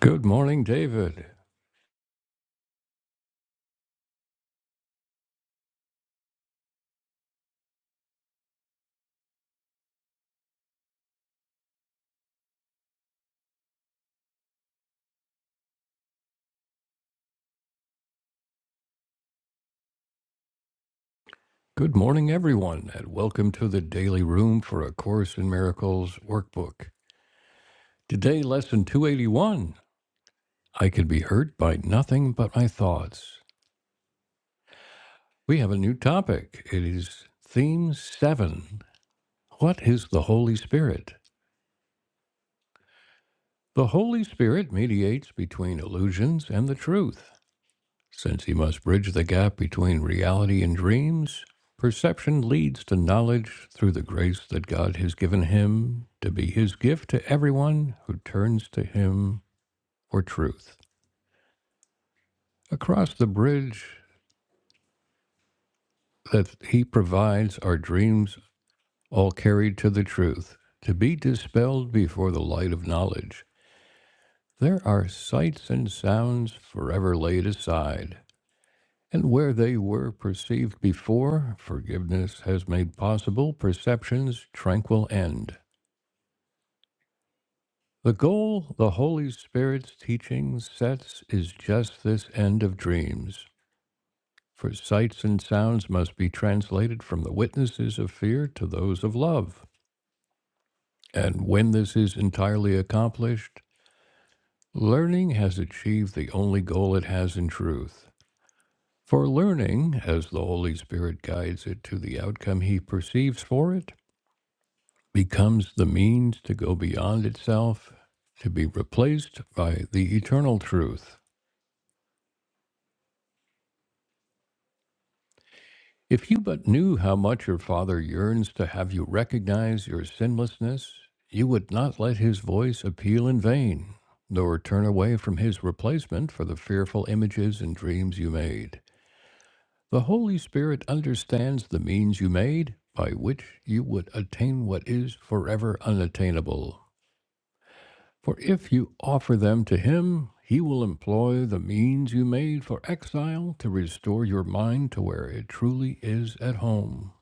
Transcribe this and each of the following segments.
Good morning, David. Good morning, everyone, and welcome to the Daily Room for A Course in Miracles workbook. Today, lesson 281 I Can Be Hurt by Nothing But My Thoughts. We have a new topic. It is Theme 7 What is the Holy Spirit? The Holy Spirit mediates between illusions and the truth. Since he must bridge the gap between reality and dreams, perception leads to knowledge through the grace that God has given him to be his gift to everyone who turns to him for truth. Across the bridge that he provides are dreams all carried to the truth, to be dispelled before the light of knowledge. There are sights and sounds forever laid aside And where they were perceived before, forgiveness has made possible perception's tranquil end. The goal the Holy Spirit's teaching sets is just this end of dreams. For sights and sounds must be translated from the witnesses of fear to those of love. And when this is entirely accomplished, learning has achieved the only goal it has in truth. For learning, as the Holy Spirit guides it to the outcome he perceives for it, becomes the means to go beyond itself, to be replaced by the eternal truth. If you but knew how much your Father yearns to have you recognize your sinlessness, you would not let his voice appeal in vain, nor turn away from his replacement for the fearful images and dreams you made. The Holy Spirit understands the means you made by which you would attain what is forever unattainable. For if you offer them to him, he will employ the means you made for exile to restore your mind to where it truly is at home.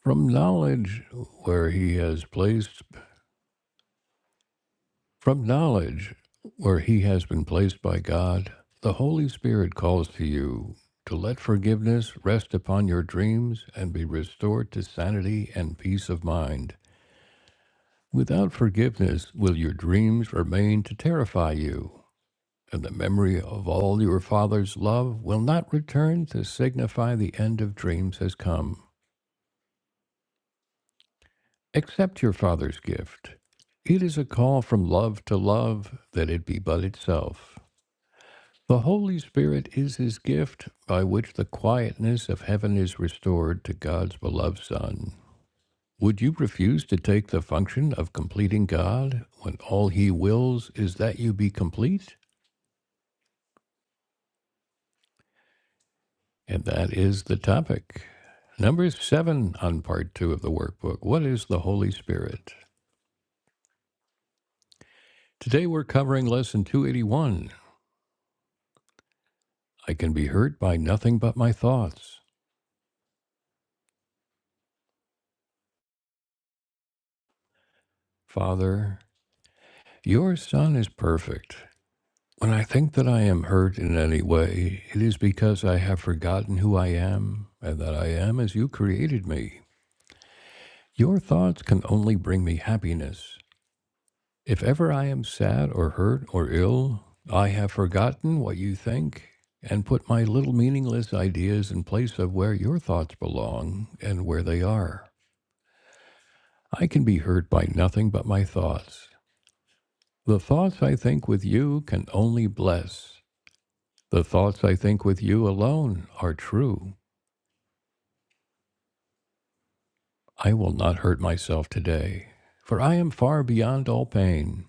From knowledge where he has placed from knowledge where he has been placed by God, the Holy Spirit calls to you to let forgiveness rest upon your dreams and be restored to sanity and peace of mind. Without forgiveness will your dreams remain to terrify you. and the memory of all your father's love will not return to signify the end of dreams has come. Accept your father's gift. It is a call from love to love, that it be but itself. The Holy Spirit is his gift by which the quietness of heaven is restored to God's beloved Son. Would you refuse to take the function of completing God when all he wills is that you be complete? And that is the topic. Number seven on part two of the workbook What is the Holy Spirit? Today we're covering lesson 281 I can be hurt by nothing but my thoughts. Father, your Son is perfect. When I think that I am hurt in any way, it is because I have forgotten who I am and that I am as you created me. Your thoughts can only bring me happiness. If ever I am sad or hurt or ill, I have forgotten what you think and put my little meaningless ideas in place of where your thoughts belong and where they are. I can be hurt by nothing but my thoughts. The thoughts I think with you can only bless. The thoughts I think with you alone are true. I will not hurt myself today, for I am far beyond all pain.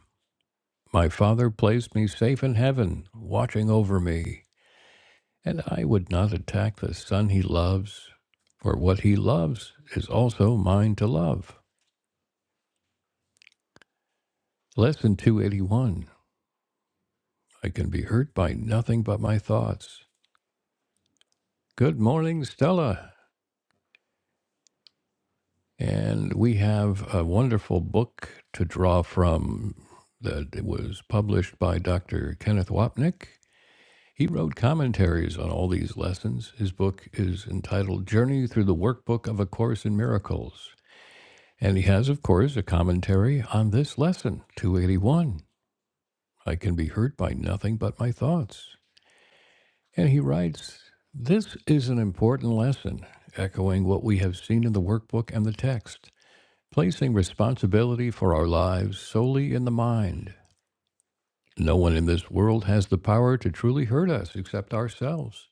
My Father placed me safe in heaven, watching over me. And I would not attack the son he loves, for what he loves is also mine to love. Lesson 281 I can be hurt by nothing but my thoughts. Good morning, Stella. And we have a wonderful book to draw from that was published by Dr. Kenneth Wapnick. He wrote commentaries on all these lessons. His book is entitled Journey Through the Workbook of A Course in Miracles. And he has, of course, a commentary on this lesson, 281. I can be hurt by nothing but my thoughts. And he writes, This is an important lesson, echoing what we have seen in the workbook and the text, placing responsibility for our lives solely in the mind. No one in this world has the power to truly hurt us except ourselves.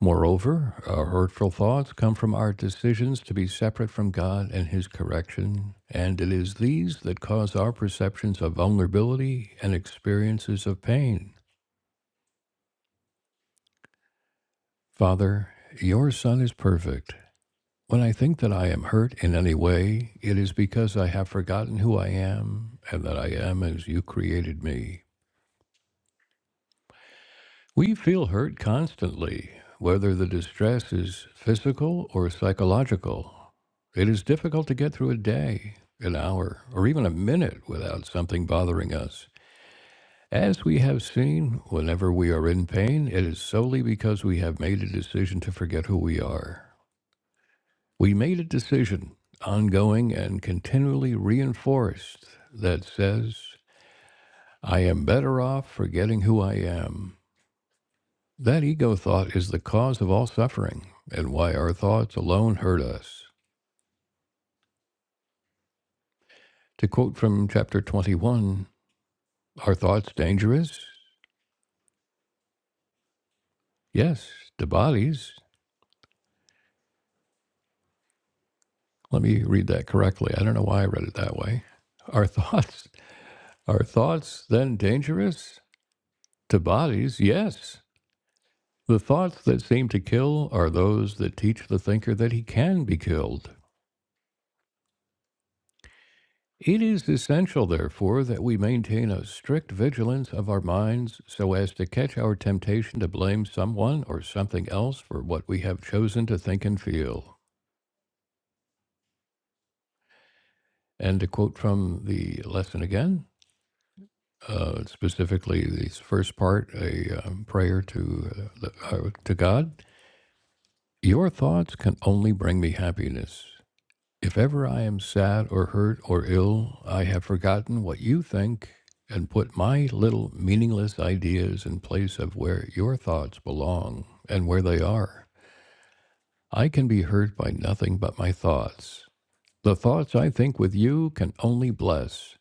Moreover, our hurtful thoughts come from our decisions to be separate from God and His correction, and it is these that cause our perceptions of vulnerability and experiences of pain. Father, your Son is perfect. When I think that I am hurt in any way, it is because I have forgotten who I am and that I am as you created me. We feel hurt constantly, whether the distress is physical or psychological. It is difficult to get through a day, an hour, or even a minute without something bothering us. As we have seen, whenever we are in pain, it is solely because we have made a decision to forget who we are. We made a decision, ongoing and continually reinforced, that says, I am better off forgetting who I am. That ego thought is the cause of all suffering, and why our thoughts alone hurt us. To quote from chapter 21, are thoughts dangerous? Yes, to bodies. Let me read that correctly. I don't know why I read it that way. Are thoughts are thoughts then dangerous? To bodies, yes. The thoughts that seem to kill are those that teach the thinker that he can be killed. It is essential, therefore, that we maintain a strict vigilance of our minds so as to catch our temptation to blame someone or something else for what we have chosen to think and feel. And to quote from the lesson again, uh, specifically the first part, a um, prayer to uh, the- uh, to God. Your thoughts can only bring me happiness. If ever I am sad or hurt or ill, I have forgotten what you think and put my little meaningless ideas in place of where your thoughts belong and where they are. I can be hurt by nothing but my thoughts. The thoughts I think with you can only bless.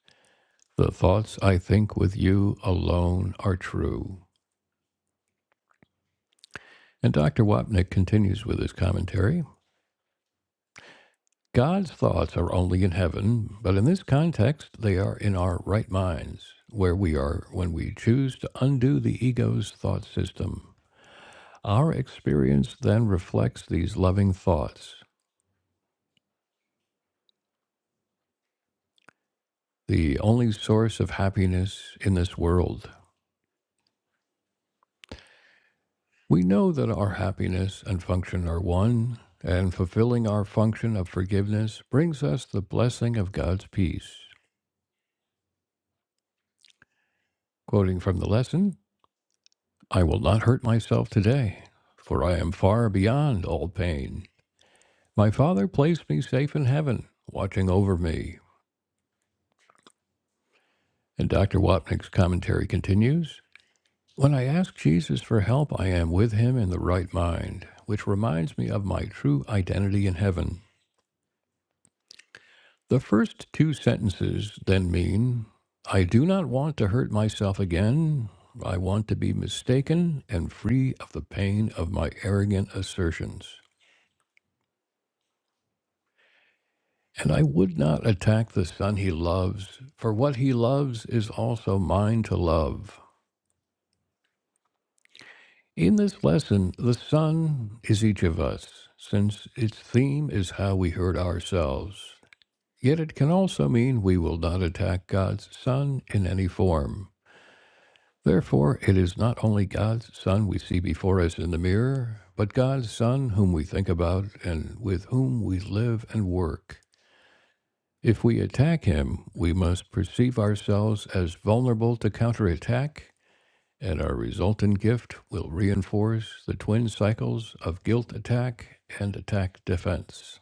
The thoughts I think with you alone are true. And Dr. Wapnick continues with his commentary. God's thoughts are only in heaven, but in this context, they are in our right minds, where we are when we choose to undo the ego's thought system. Our experience then reflects these loving thoughts, the only source of happiness in this world. We know that our happiness and function are one, and fulfilling our function of forgiveness brings us the blessing of God's peace. Quoting from the lesson, I will not hurt myself today, for I am far beyond all pain. My Father placed me safe in heaven, watching over me. And Dr. Wapnick's commentary continues When I ask Jesus for help, I am with him in the right mind, which reminds me of my true identity in heaven. The first two sentences then mean I do not want to hurt myself again. I want to be mistaken and free of the pain of my arrogant assertions. And I would not attack the son he loves, for what he loves is also mine to love. In this lesson, the son is each of us, since its theme is how we hurt ourselves. Yet it can also mean we will not attack God's son in any form. Therefore, it is not only God's son we see before us in the mirror, but God's son whom we think about and with whom we live and work. If we attack him, we must perceive ourselves as vulnerable to counterattack, and our resultant gift will reinforce the twin cycles of guilt attack and attack defense.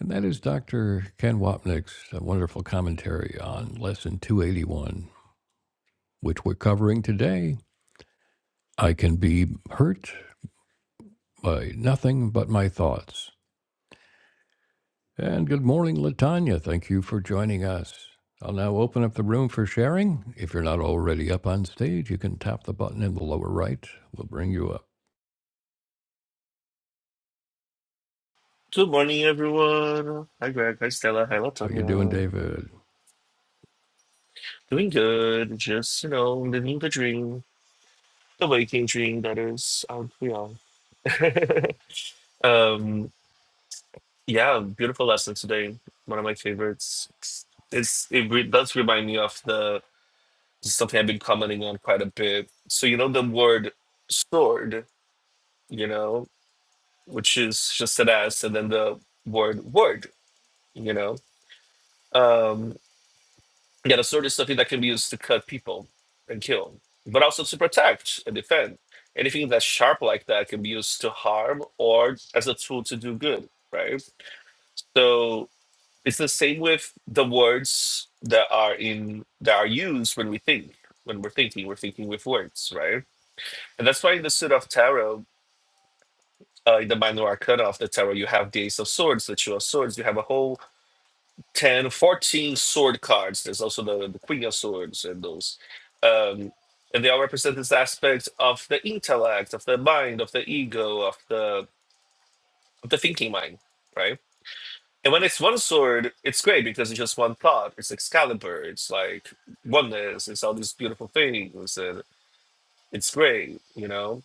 And that is Dr. Ken Wapnick's uh, wonderful commentary on Lesson 281, which we're covering today. I can be hurt by nothing but my thoughts. And good morning, Latanya. Thank you for joining us. I'll now open up the room for sharing. If you're not already up on stage, you can tap the button in the lower right. We'll bring you up. Good morning, everyone. Hi, Greg. Hi, Stella. Hi, How you doing, Latonya. David? Doing good. Just, you know, living the dream. The waking dream, that is. Um, you know. um, yeah, beautiful lesson today. One of my favorites. It's It re- does remind me of the something I've been commenting on quite a bit. So, you know, the word sword, you know, which is just an S, and then the word word, you know. Um. Yeah, the sword is something that can be used to cut people and kill, but also to protect and defend. Anything that's sharp like that can be used to harm or as a tool to do good, right? So it's the same with the words that are in that are used when we think. When we're thinking, we're thinking with words, right? And that's why in the Suit of Tarot, uh, in the Minor Arcana of the Tarot, you have the Ace of Swords, the Two of Swords. You have a whole 10, 14 sword cards. There's also the, the Queen of Swords and those. Um, and they all represent this aspect of the intellect, of the mind, of the ego, of the of the thinking mind, right? And when it's one sword, it's great because it's just one thought. It's Excalibur. It's like oneness. It's all these beautiful things, and it's great, you know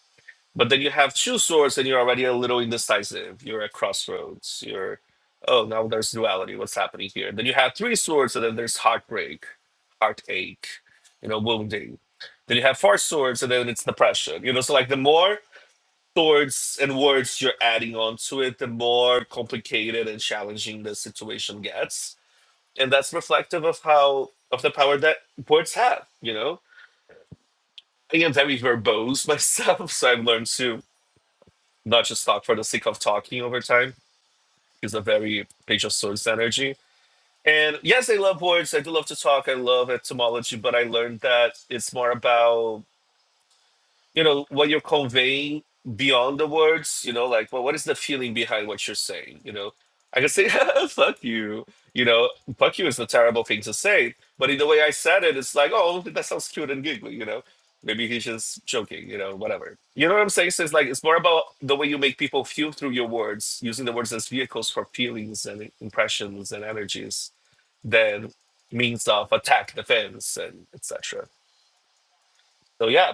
but then you have two swords and you're already a little indecisive. You're at crossroads. You're, oh, now there's duality. What's happening here? Then you have three swords and then there's heartbreak, heartache, you know, wounding. Then you have four swords and then it's depression. You know, so like the more swords and words you're adding onto it, the more complicated and challenging the situation gets. And that's reflective of how, of the power that words have, you know? I am very verbose myself, so I've learned to not just talk for the sake of talking over time. He's a very page of swords energy. And yes, I love words. I do love to talk. I love etymology, but I learned that it's more about you know what you're conveying beyond the words you know like well, what is the feeling behind what you're saying you know i can say fuck you you know fuck you is a terrible thing to say but in the way i said it it's like oh that sounds cute and giggly you know maybe he's just joking you know whatever you know what i'm saying so it's like it's more about the way you make people feel through your words using the words as vehicles for feelings and impressions and energies than means of attack defense and etc so yeah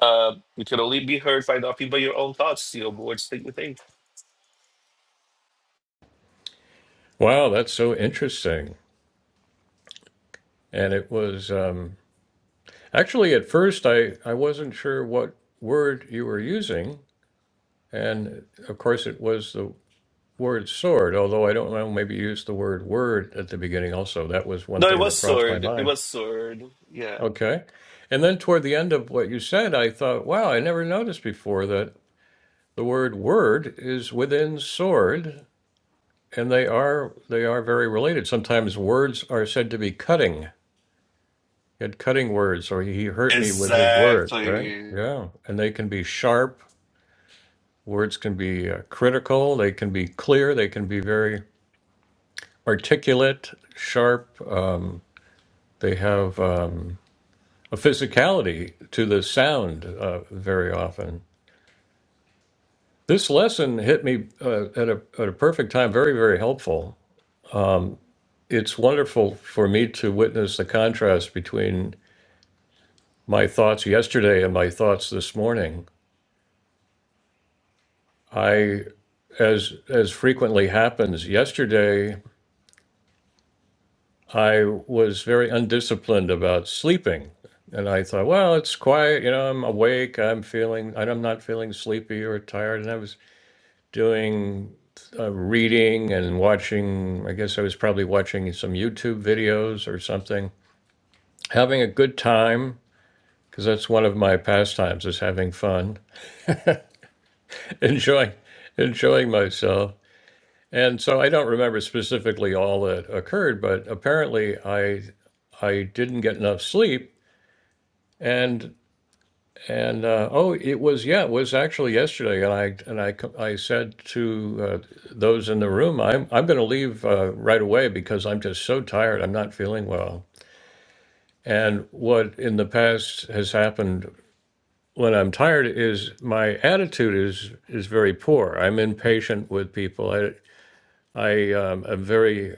uh, you can only be heard by not be by your own thoughts, you know, board think with things. Wow, that's so interesting. And it was um, actually at first I, I wasn't sure what word you were using. And of course, it was the word sword, although I don't know, maybe you used the word word at the beginning also. That was one No, it thing was that crossed my sword. It mind. was sword. Yeah. Okay. And then toward the end of what you said, I thought, wow, I never noticed before that the word word is within sword, and they are they are very related. Sometimes words are said to be cutting. He had cutting words, or he hurt me with his word, right? Exactly. Yeah. And they can be sharp. Words can be uh, critical. They can be clear. They can be very articulate, sharp. Um, they have uh, a physicality to the sound uh, very often. This lesson hit me uh, at, a, at a perfect time, very, very helpful. It's wonderful for me to witness the contrast between my thoughts yesterday and my thoughts this morning. I, as as frequently happens, yesterday I was very undisciplined about sleeping, and I thought, well, it's quiet, you know, I'm awake, I'm feeling, and I'm not feeling sleepy or tired, and I was doing uh, reading and watching. I guess I was probably watching some YouTube videos or something, having a good time because that's one of my pastimes is having fun, enjoying enjoying myself. And so I don't remember specifically all that occurred, but apparently I I didn't get enough sleep, and. And uh, oh, it was yeah, it was actually yesterday, and I and I co- I said to uh, those in the room, I'm I'm going to leave uh, right away because I'm just so tired. I'm not feeling well. And what in the past has happened when I'm tired is my attitude is is very poor. I'm impatient with people. I I um, am very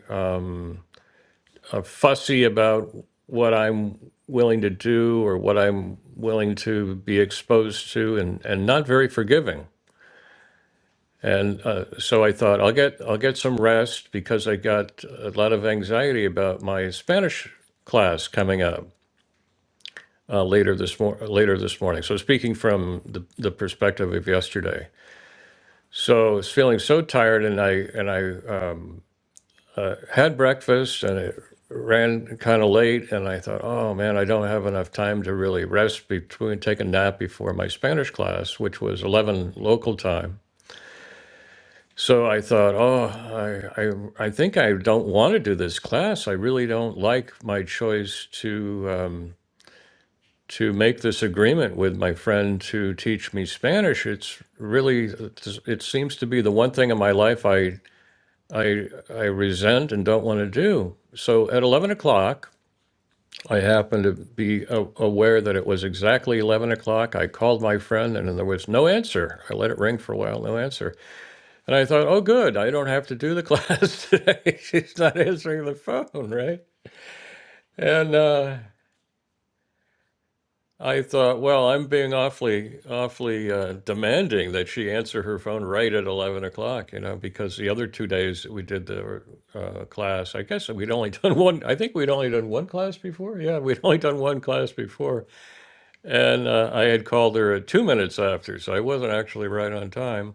fussy about what I'm willing to do or what I'm willing to be exposed to, and and not very forgiving. And uh, so I thought I'll get I'll get some rest because I got a lot of anxiety about my Spanish class coming up uh, later this mor- later this morning. So speaking from the, the perspective of yesterday, so I was feeling so tired, and I and I uh, had breakfast and I ran kind of late, and I thought, oh man, I don't have enough time to really rest between take a nap before my Spanish class, which was eleven local time. So I thought, oh, I, I, I think I don't want to do this class. I really don't like my choice to um, to make this agreement with my friend to teach me Spanish. It's really, it seems to be the one thing in my life I I I resent and don't want to do. So at eleven o'clock, I happened to be a- aware that it was exactly eleven o'clock. I called my friend, and there was no answer. I let it ring for a while, no answer. And I thought, oh, good, I don't have to do the class today. She's not answering the phone, right? And uh, I thought, well, I'm being awfully, awfully uh, demanding that she answer her phone right at 11 o'clock, you know, because the other two days we did the uh, class, I guess we'd only done one, I think we'd only done one class before. Yeah, we'd only done one class before. And uh, I had called her at two minutes after, so I wasn't actually right on time.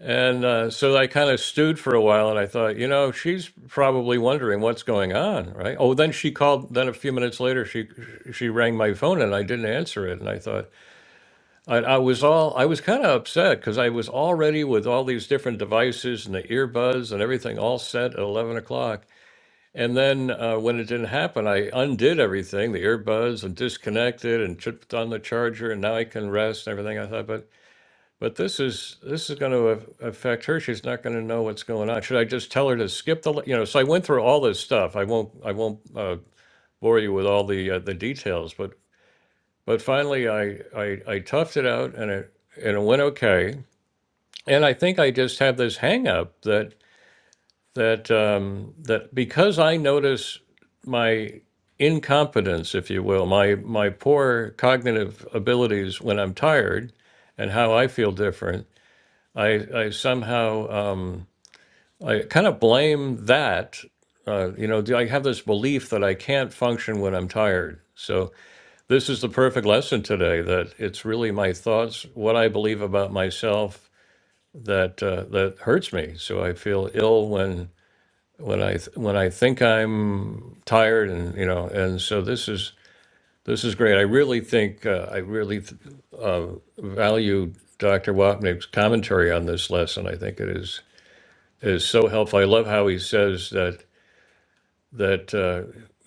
And uh, so I kind of stewed for a while, and I thought, you know, she's probably wondering what's going on, right? Oh, then she called. Then a few minutes later, she she rang my phone, and I didn't answer it. And I thought, I, I was all I was kind of upset because I was already with all these different devices and the earbuds and everything all set at eleven o'clock. And then uh, when it didn't happen, I undid everything, the earbuds, and disconnected, and put on the charger, and now I can rest and everything. I thought, but but this is this is going to af- affect her. She's not going to know what's going on. Should I just tell her to skip the? li- You know, so I went through all this stuff. I won't I won't uh, bore you with all the uh, the details, but but finally I, I I toughed it out and it and it went okay. And I think I just have this hang up that that um, that because I notice my incompetence, if you will, my my poor cognitive abilities when I'm tired, and how I feel different I, I somehow um, I kind of blame that. Uh, you know, I have this belief that I can't function when I'm tired. So this is the perfect lesson today that it's really my thoughts, what I believe about myself that uh, that hurts me. So I feel ill when when I th- when I think I'm tired, and you know, and so this is this is great. I really think uh, I really th- uh, value Dr. Wapnick's commentary on this lesson. I think it is. is so helpful. I love how he says that that uh,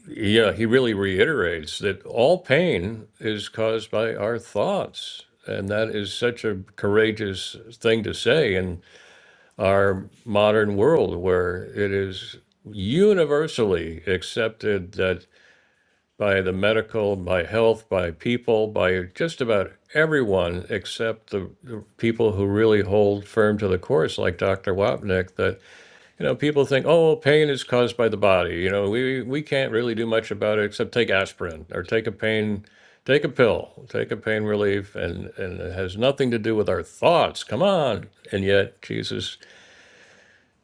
yeah, he really reiterates that all pain is caused by our thoughts. And that is such a courageous thing to say in our modern world where it is universally accepted that by the medical, by health, by people, by just about everyone except the, the people who really hold firm to the course, like Dr. Wapnick, that you know, people think, oh, well, pain is caused by the body. You know, we we can't really do much about it except take aspirin or take a pain, take a pill, take a pain relief, and and it has nothing to do with our thoughts. Come on, and yet Jesus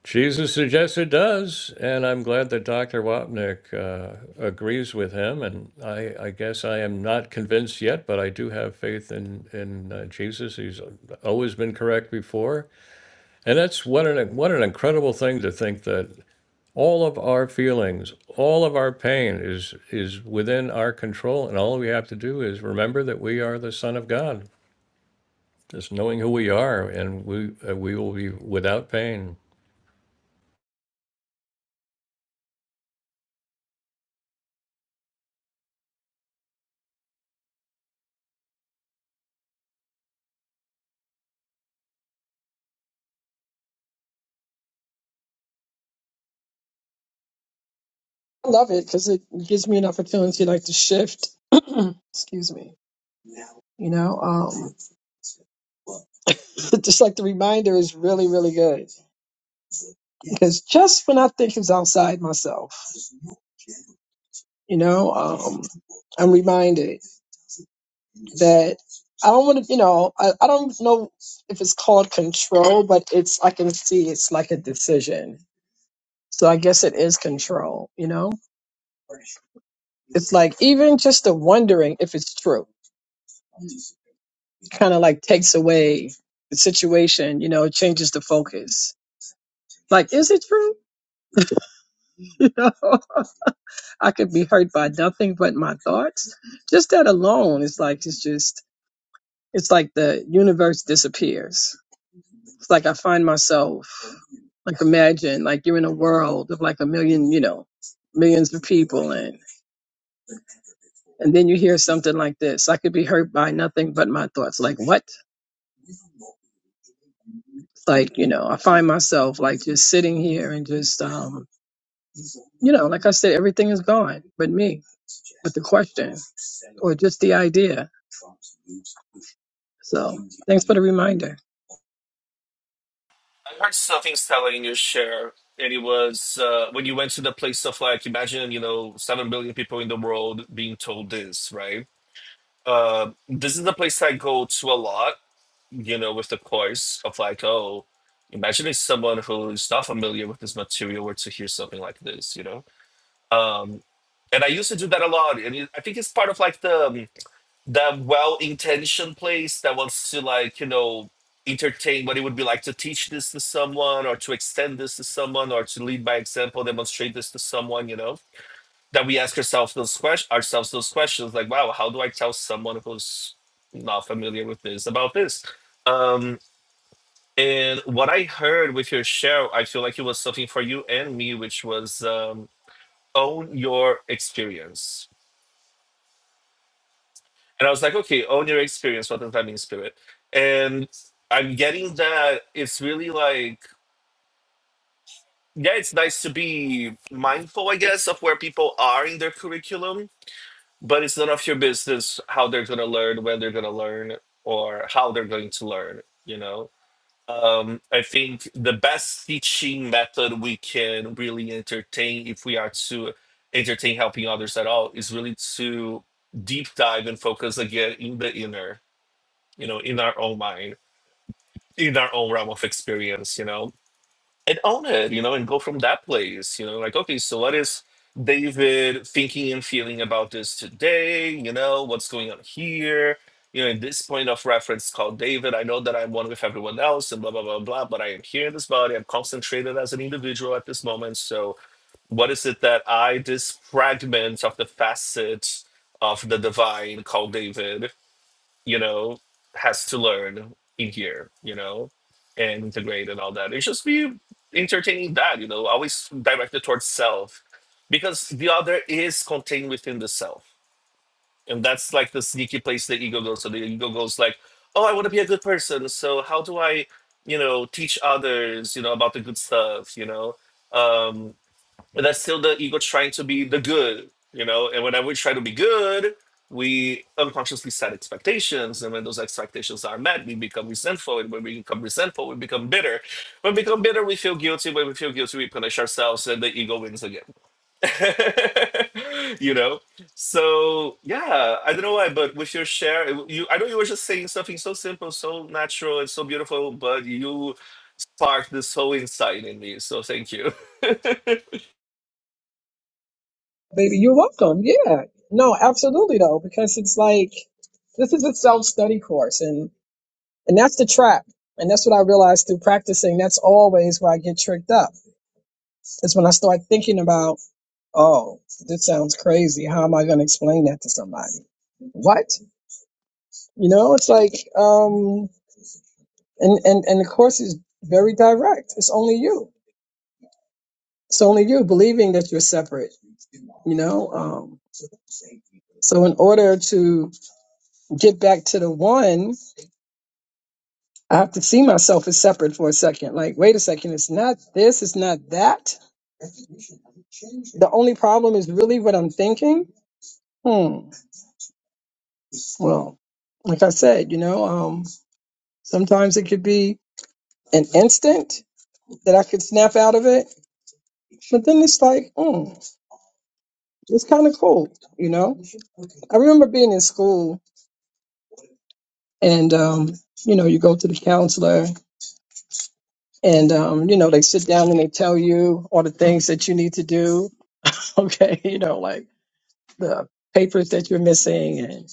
Jesus suggests it does, and I'm glad that Dr. Wapnick uh, agrees with him. And I I guess I am not convinced yet, but I do have faith in in uh, Jesus. He's always been correct before, and that's what an what an incredible thing to think that all of our feelings, all of our pain is is within our control, and all we have to do is remember that we are the Son of God. Just knowing who we are, and we uh, we will be without pain. I love it because it gives me an opportunity like to shift. Excuse me. You know, um, just like the reminder is really, really good because just when I think it's outside myself, you know, um, I'm reminded that I don't want to, you know, I, I don't know if it's called control, but it's, I can see it's like a decision. So I guess it is control, you know? It's like even just the wondering if it's true. kind of like takes away the situation, you know, it changes the focus. Like, is it true? You know, I could be hurt by nothing but my thoughts. Just that alone is like, it's just, it's like the universe disappears. It's like I find myself, like, imagine, like, you're in a world of like a million, you know, millions of people, and, and then you hear something like this I could be hurt by nothing but my thoughts. Like, what? Like, you know, I find myself like just sitting here and just, um, you know, like I said, everything is gone but me with the question or just the idea. So thanks for the reminder. I heard something selling in your share, and it was uh, when you went to the place of like, imagine, you know, 7 billion people in the world being told this, right? Uh, this is the place I go to a lot, you know, with the course of like, oh, imagine if someone who's not familiar with this material were to hear something like this, you know? Um, and I used to do that a lot. And it, I think it's part of like the um, the well-intentioned place that wants to like you know entertain what it would be like to teach this to someone or to extend this to someone or to lead by example, demonstrate this to someone. You know that we ask ourselves those questions, ourselves those questions like, wow, how do I tell someone who's not familiar with this about this? Um, and what I heard with your share, I feel like it was something for you and me, which was um, own your experience And I was like, okay, own your experience rather than fighting spirit. And I'm getting that it's really like, yeah, it's nice to be mindful, I guess, of where people are in their curriculum, but it's none of your business how they're going to learn, when they're going to learn, or how they're going to learn, you know? Um, I think the best teaching method we can really entertain, if we are to entertain helping others at all, is really to deep dive and focus again in the inner you know, in our own mind, in our own realm of experience, you know, and own it, you know, and go from that place, you know, like, okay, so what is David thinking and feeling about this today? You know, what's going on here? You know, in this point of reference called David, I know that I'm one with everyone else and blah, blah, blah, blah, but I am here in this body. I'm concentrated as an individual at this moment. So, what is it that I, this fragment of the facet of the divine called David, you know, has to learn in here, you know, and integrate and all that. It's just be entertaining that, you know, always directed towards self because the other is contained within the self. And that's like the sneaky place the ego goes. So the ego goes like, oh, I want to be a good person. So how do I, you know, teach others, you know, about the good stuff, you know? Um, but that's still the ego trying to be the good, you know. And whenever we try to be good, we unconsciously set expectations, and when those expectations are met, we become resentful. And when we become resentful, we become bitter. When we become bitter, we feel guilty. When we feel guilty, we punish ourselves, and the ego wins again. you know. So yeah, I don't know why, but with your share, it- you I know you were just saying something so simple, so natural, and so beautiful, but you sparked this whole insight in me. So thank you. Baby, you're welcome. Yeah. No, absolutely though, because it's like this is a self-study course and and that's the trap. And that's what I realized through practicing. That's always where I get tricked up. Is when I start thinking about, oh, this sounds crazy. How am I going to explain that to somebody? What? You know, it's like, um. And and and the course is very direct. It's only you. It's only you believing that you're separate. You know. Um, so in order to get back to the one, I have to see myself as separate for a second. Like, wait a second. It's not this. It's not that. The only problem is really what I'm thinking. Hmm. Well, like I said, you know, um, sometimes it could be an instant that I could snap out of it, but then it's like, hmm, it's kind of cool, you know. I remember being in school and um, you know, you go to the counselor and um, you know, they sit down and they tell you all the things that you need to do, okay, you know, like the papers that you're missing and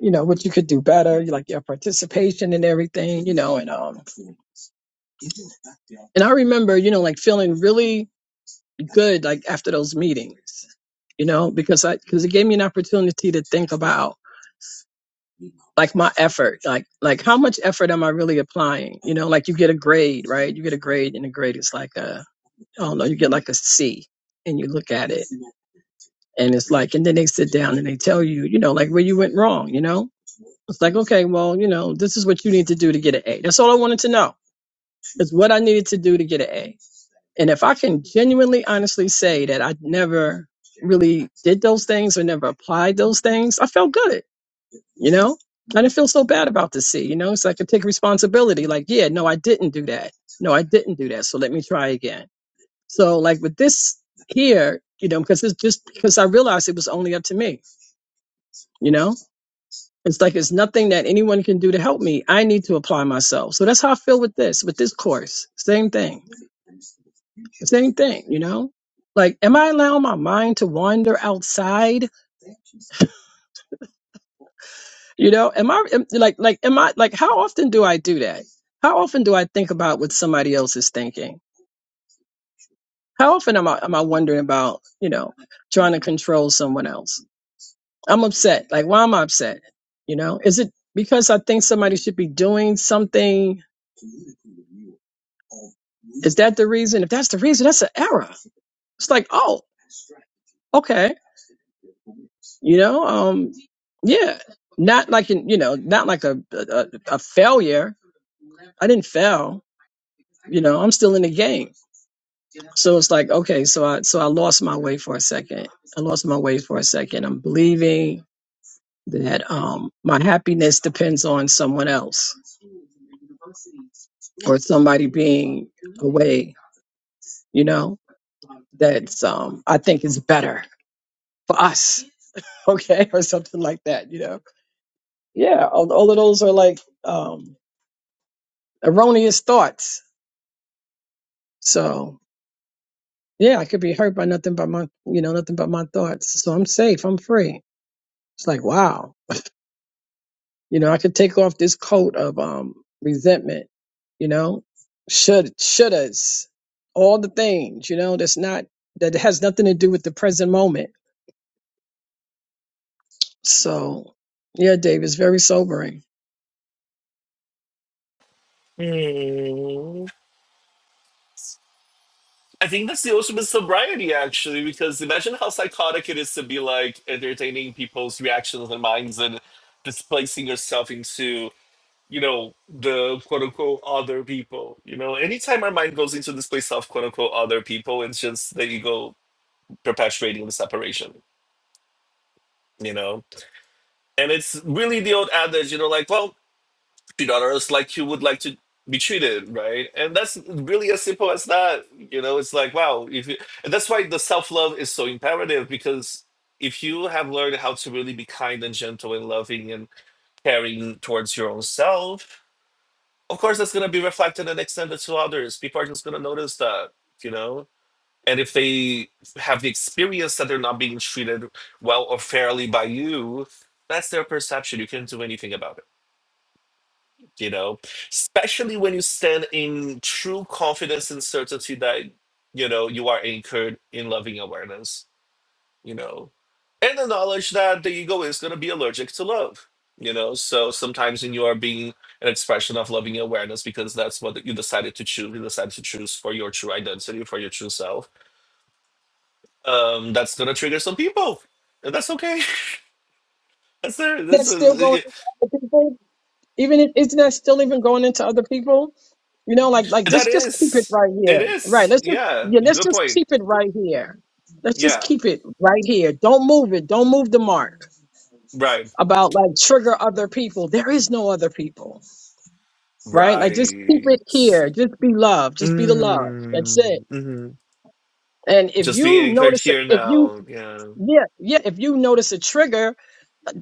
you know what you could do better, like your participation and everything, you know, and um and I remember, you know, like feeling really good like after those meetings, you know, because I because it gave me an opportunity to think about like my effort like like how much effort am i really applying you know like you get a grade right you get a grade and the grade is like a i don't know you get like a c and you look at it and it's like and then they sit down and they tell you you know like where you went wrong you know it's like okay well you know this is what you need to do to get an a that's all i wanted to know is what i needed to do to get an a and if i can genuinely honestly say that i never really did those things or never applied those things i felt good you know, I didn't feel so bad about the C. You know, it's like I take responsibility. Like, yeah, no, I didn't do that. No, I didn't do that. So let me try again. So like with this here, you know, because it's just because I realized it was only up to me. You know, it's like it's nothing that anyone can do to help me. I need to apply myself. So that's how I feel with this, with this course. Same thing. Same thing. You know, like, am I allowing my mind to wander outside? You know, am I am, like like am I like how often do I do that? How often do I think about what somebody else is thinking? How often am I am I wondering about, you know, trying to control someone else? I'm upset. Like why am I upset? You know, is it because I think somebody should be doing something? Is that the reason? If that's the reason, that's an error. It's like, oh, okay. You know, um yeah. Not like in, you know, not like a a, a a failure. I didn't fail. You know, I'm still in the game So it's like, okay, so I so I lost my way for a second. I lost my way for a second. I'm believing that um my happiness depends on someone else or somebody being away, you know, that's um I think is better for us. Okay, or something like that, you know. Yeah, all, all of those are like um erroneous thoughts. So yeah, I could be hurt by nothing but my you know, nothing but my thoughts. So I'm safe, I'm free. It's like wow You know, I could take off this coat of um resentment, you know, should shouldas, all the things, you know, that's not that has nothing to do with the present moment. So yeah, Dave, it's very sobering. Hmm. I think that's the ultimate sobriety, actually, because imagine how psychotic it is to be like entertaining people's reactions and minds and displacing yourself into, you know, the quote unquote other people. You know, anytime our mind goes into this place of quote unquote other people, it's just the ego perpetuating the separation, you know? And it's really the old adage, you know, like, well, treat others like you would like to be treated, right? And that's really as simple as that. You know, it's like wow, if you, and that's why the self love is so imperative because if you have learned how to really be kind and gentle and loving and caring towards your own self, of course that's going to be reflected and extended to others. People are just going to notice that, you know. And if they have the experience that they're not being treated well or fairly by you, that's their perception. You can't do anything about it you know especially when you stand in true confidence and certainty that you know you are anchored in loving awareness you know and the knowledge that the ego is going to be allergic to love you know so sometimes when you are being an expression of loving awareness because that's what you decided to choose you decided to choose for your true identity for your true self um that's going to trigger some people and that's okay that's there that's That's still going a, into other people. Even if, isn't that still even going into other people? You know, like like that just just keep it is right it here. Right. is Let's just yeah yeah, let's good just point keep it right here. Let's just yeah keep it right here. Don't move it. Don't move the mark. right about like trigger other people. There is no other people, right? Like just keep Right. it here. Just be love. Just be the love. That's it. Mm, hmm And if Just be you anchored notice, here a- if you, now. Yeah. yeah, yeah, if you notice a trigger,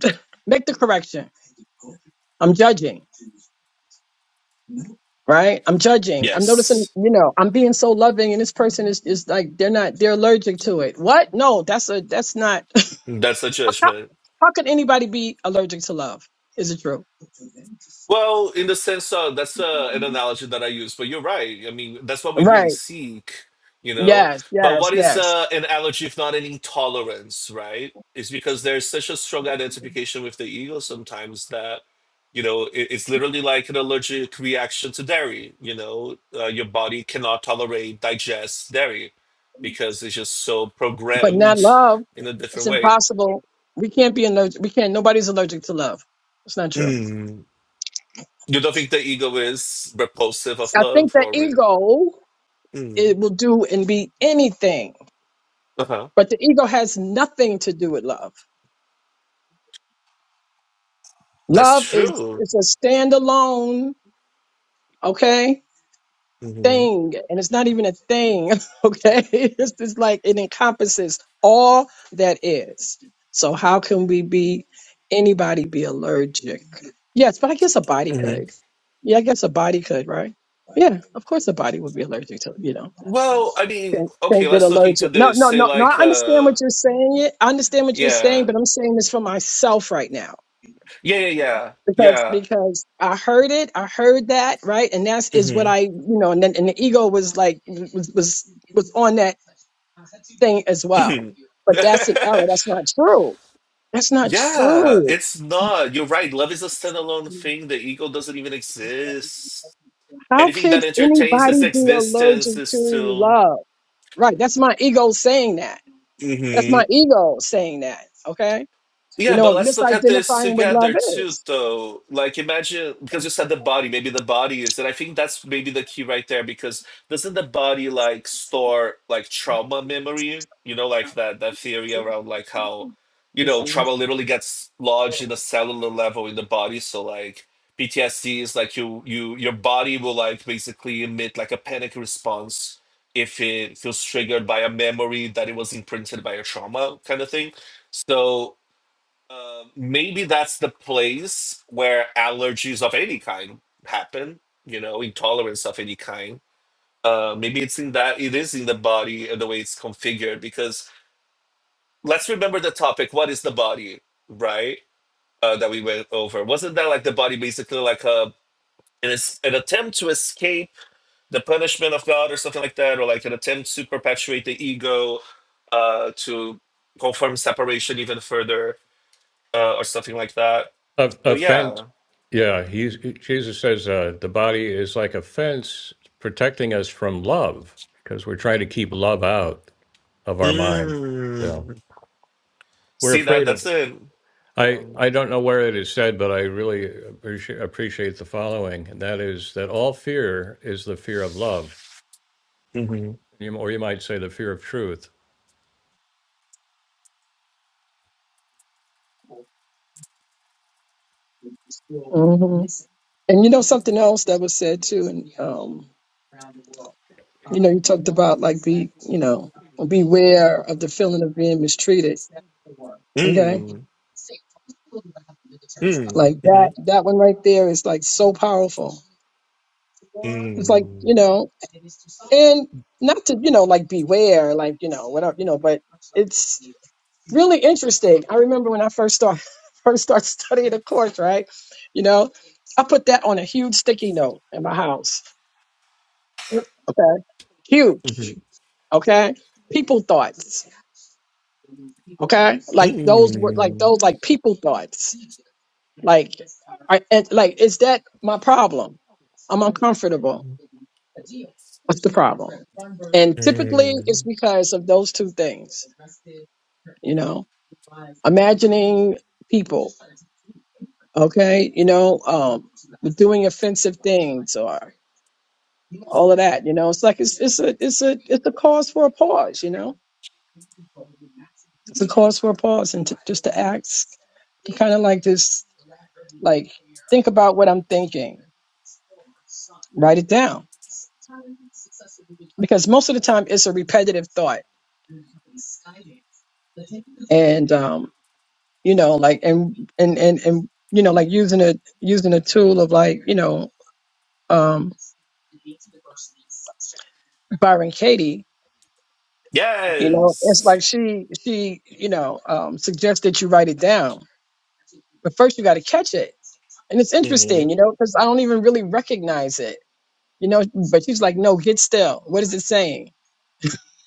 make the correction. I'm judging, right? I'm judging. I'm noticing, Yes. you know, I'm being so loving and this person is, is like, they're not, they're allergic to it. What? No, that's a, that's not, That's the how, judgment. how could anybody be allergic to love? Is it true? Well, in the sense of that's uh, an analogy that I use, but you're right. I mean, that's what we really Right. seek, you know. Yes, But yes, what is yes. uh, an allergy if not an intolerance, right? It's because there's such a strong identification with the ego sometimes that, you know, it, it's literally like an allergic reaction to dairy. You know, uh, your body cannot tolerate, digest dairy because it's just so But not programmed love. in a It's different way. impossible. We can't be allergic. We can't. Nobody's allergic to love. It's not true. Mm. You don't think the ego is repulsive of I think love the or? Re- ego Mm. it will do and be anything, Uh-huh. but the ego has nothing to do with love. That's Love is true. is a standalone. Okay, hmm thing and it's not even a thing okay it's just like it encompasses all that is so how can we be anybody be allergic yes but i guess a body hmm could yeah i guess a body could right yeah of course a body would be allergic to you know Well, I mean, can, can okay, get let's look into allergic no this. no Say no no like i understand what uh you're saying i understand what you're saying yeah. but i'm saying this for myself right now Yeah, yeah, yeah. because Yeah. because I heard it, I heard that, right? And that's is hmm what I, you know, and then and the ego was like was was was on that thing as well. hmm But that's an error. That's not true. That's not yeah, true. it's not. You're right. Love is a standalone thing. The ego doesn't even exist. How Anything could that entertains its anybody be existence allergic is to still. love? Right. That's my ego saying that. That's my ego saying that. Okay. You Yeah, know, but what let's look at this misidentifying what love together too, though. Like, imagine because you said the body, maybe the body is, and I think that's maybe the key right there. Because doesn't the body like store like trauma memory? You know, like that that theory around like how, you know, trauma literally gets lodged is. in a cellular level in the body. So like PTSD is like you you your body will like basically emit like a panic response if it feels triggered by a memory that it was imprinted by a trauma kind of thing. So um, maybe that's the place where allergies of any kind happen, you know, intolerance of any kind. Uh, maybe it's in that it is in the body and the way it's configured. Because let's remember the topic: what is the body, right? Uh, that we went over. Wasn't that like the body basically like a an, es- an attempt to escape the punishment of God or something like that, or like an attempt to perpetuate the ego uh, to confirm separation even further uh, or something like that. Of So offense, yeah, yeah. He's Jesus says uh, the body is like a fence protecting us from love because we're trying to keep love out of our mind. Yeah, Mm. we're See that? afraid of That's it. Yeah. I, I don't know where it is said, but I really appreciate, appreciate the following. And that is that all fear is the fear of love, hmm you- or you might say the fear of truth. hmm And you know something else that was said too, and um, you know, you talked about like be, you know, beware of the feeling of being mistreated. Okay, Mm. Mm. like Mm. that that one right there is like so powerful. It's like Mm. you know, and not to you know like beware, like you know whatever you know, but really interesting. I remember when I first start first started studying the course, right? You know, I put that on a huge sticky note in my house. Okay. Huge. Mm. Okay. People thoughts. Okay. Like those were like Mm. those like people thoughts. Like I and like is that my problem? I'm uncomfortable. What's the problem? And typically it's Mm. because of those two things. you know, imagining people, okay, you know, um, doing offensive things or all of that, you know, it's like it's it's a it's a it's a cause for a pause, you know, it's a cause for a pause and to, just to ask, to kind of like just like think about what I'm thinking, write it down because most of the time it's a repetitive thought. and um, you know, like and and and and you know, like using a using a tool of like you know, um, Byron Katie. You know, it's Yes. like she she you know um, suggests that you write it down, but first you got to catch it, and it's hmm interesting, you know, because I don't even really recognize it, you know. But she's like, no, get still. What is it saying?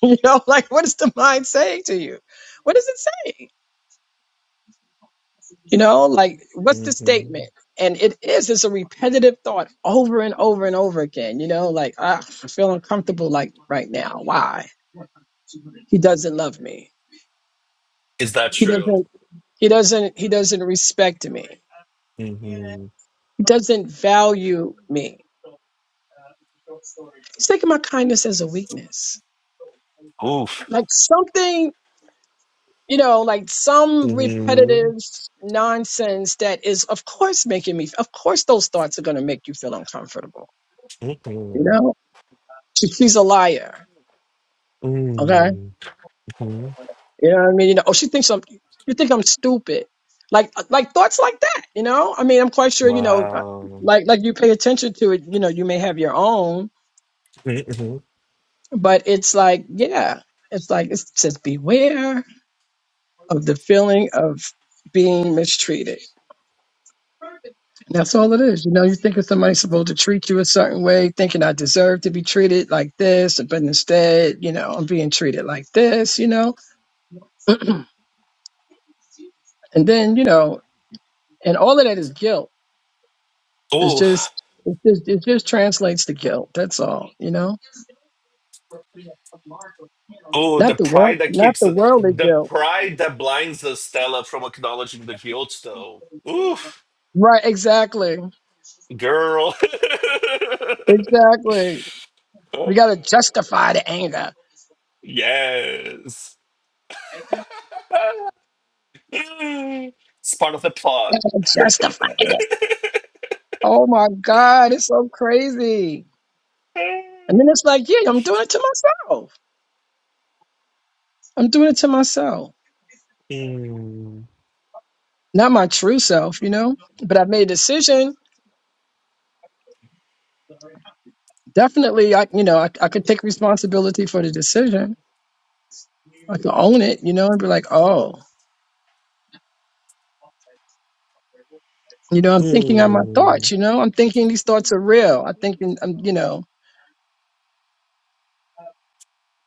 You know, like what is the mind saying to you? What is it saying? You know, like what's the hmm statement? And it is, it's a repetitive thought over and over and over again. You know, like, ah, I feel uncomfortable like right now. Why? He doesn't love me. Is that He true? doesn't, he doesn't, he doesn't respect me. hmm He doesn't value me. He's taking my kindness as a weakness. Oof. Like something, you know, like some hmm repetitive nonsense that is, of course, making me, of course, those thoughts are going to make you feel uncomfortable. You hmm know, She- she's a liar. Okay Mm-hmm. You know what I mean? You know, oh, she thinks I'm. You think I'm stupid? Like, uh, like thoughts like that. You know, I mean, I'm quite sure. You know, uh, Wow. like, like you pay attention to it. You know, you may have your own, Mm-hmm. but it's like, yeah, it's like it says, beware of the feeling of being mistreated. And that's all it is. You know, you think of somebody supposed to treat you a certain way, thinking I deserve to be treated like this, but instead, you know, I'm being treated like this. You know, and then you know, and all of that is guilt It's just, it's just, it just translates to guilt. That's all, you know. Oh, the Not the world, pride that not keeps the worldly the guilt. pride that blinds us, Stella, from acknowledging the guilt, though. Oof, Right? Exactly. girl. Exactly. We gotta justify the anger. yes, Mm, it's part of the plot. We gotta justify it. Oh my God, it's so crazy. And then it's like, yeah, I'm doing it to myself. I'm doing it to myself, Mm. not my true self, you know. But I've made a decision. Definitely, I, you know, I, I could take responsibility for the decision. I could own it, you know, and be like, oh. You know, I'm thinking on my Mm. thoughts, you know, I'm thinking these thoughts are real. I'm thinking, I'm, you know,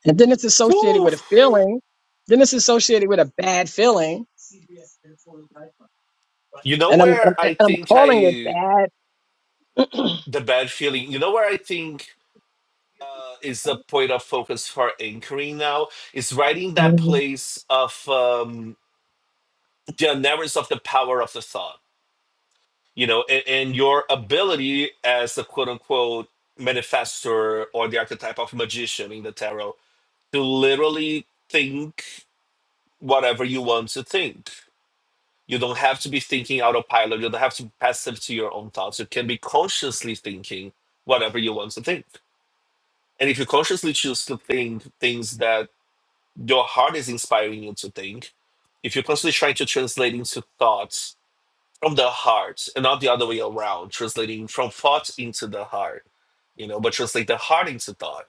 and then it's associated with a Oof. feeling. Then it's associated with a bad feeling. You know And I'm, where I'm, and I I'm think calling it I bad. the bad feeling. You know where I think uh, is the point of focus for anchoring now is right in that Mhm. place of um, the awareness of the power of the thought you know and, and your ability as a quote unquote manifestor or the archetype of magician in the tarot to literally think whatever you want to think you don't have to be thinking autopilot you don't have to be passive to your own thoughts you can be consciously thinking whatever you want to think and if you consciously choose to think things that your heart is inspiring you to think if you're constantly trying to translate into thoughts from the heart and not the other way around translating from thought into the heart you know but translate the heart into thought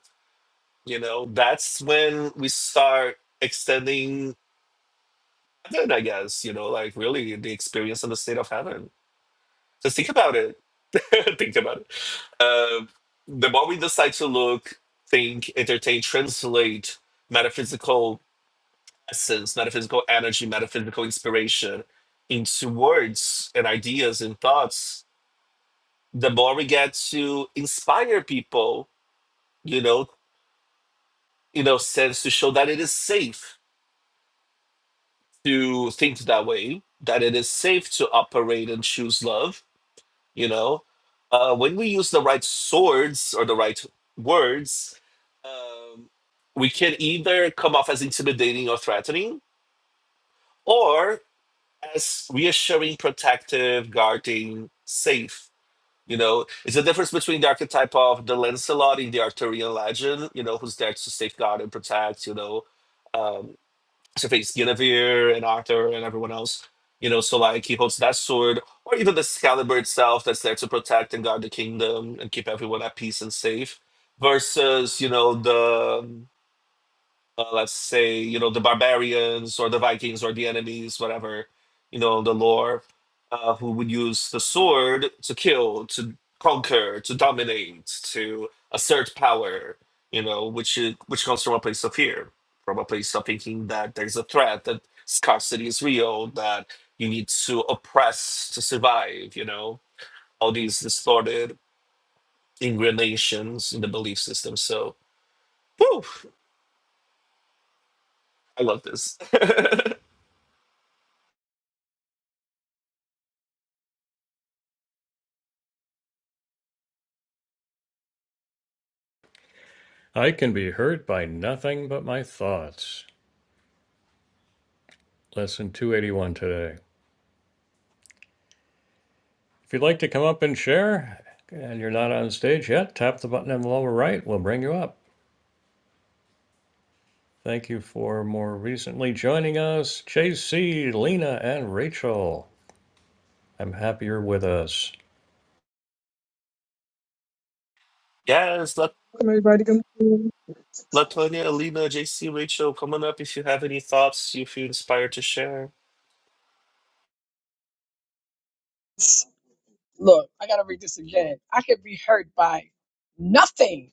you know that's when we start extending heaven i guess you know like really the experience and the state of heaven just think about it think about it Um the more we decide to look think entertain translate metaphysical essence, metaphysical energy, metaphysical inspiration into words and ideas and thoughts, the more we get to inspire people, you know, you know, sense to show that it is safe to think that way, that it is safe to operate and choose love, you know. Uh, when we use the right swords or the right words, um, we can either come off as intimidating or threatening, or as reassuring, protective, guarding, safe. You know, it's the difference between the archetype of the Lancelot in the Arthurian legend, you know, who's there to safeguard and protect, you know, um, so face Guinevere and Arthur and everyone else, you know, so like he holds that sword, or even the Excalibur itself that's there to protect and guard the kingdom and keep everyone at peace and safe, versus, you know, the um, uh, let's say you know the barbarians or the Vikings or the enemies, whatever you know the lore, uh, who would use the sword to kill, to conquer, to dominate, to assert power. You know, which is, which comes from a place of fear, from a place of thinking that there's a threat, that scarcity is real, that you need to oppress to survive. You know, all these distorted ingranations in the belief system. So, whew, I love this. I can be hurt by nothing but my thoughts. Lesson 281 today. If you'd like to come up and share, and you're not on stage yet, tap the button in the lower right. We'll bring you up. Thank you for more recently joining us, JC, Lena, and Rachel. I'm happy you're with us. Yes, let's Come everybody come. Latonia, Alina, JC, Rachel, come on up if you have any thoughts you feel inspired to share. Look, I got to read this again. I could be hurt by nothing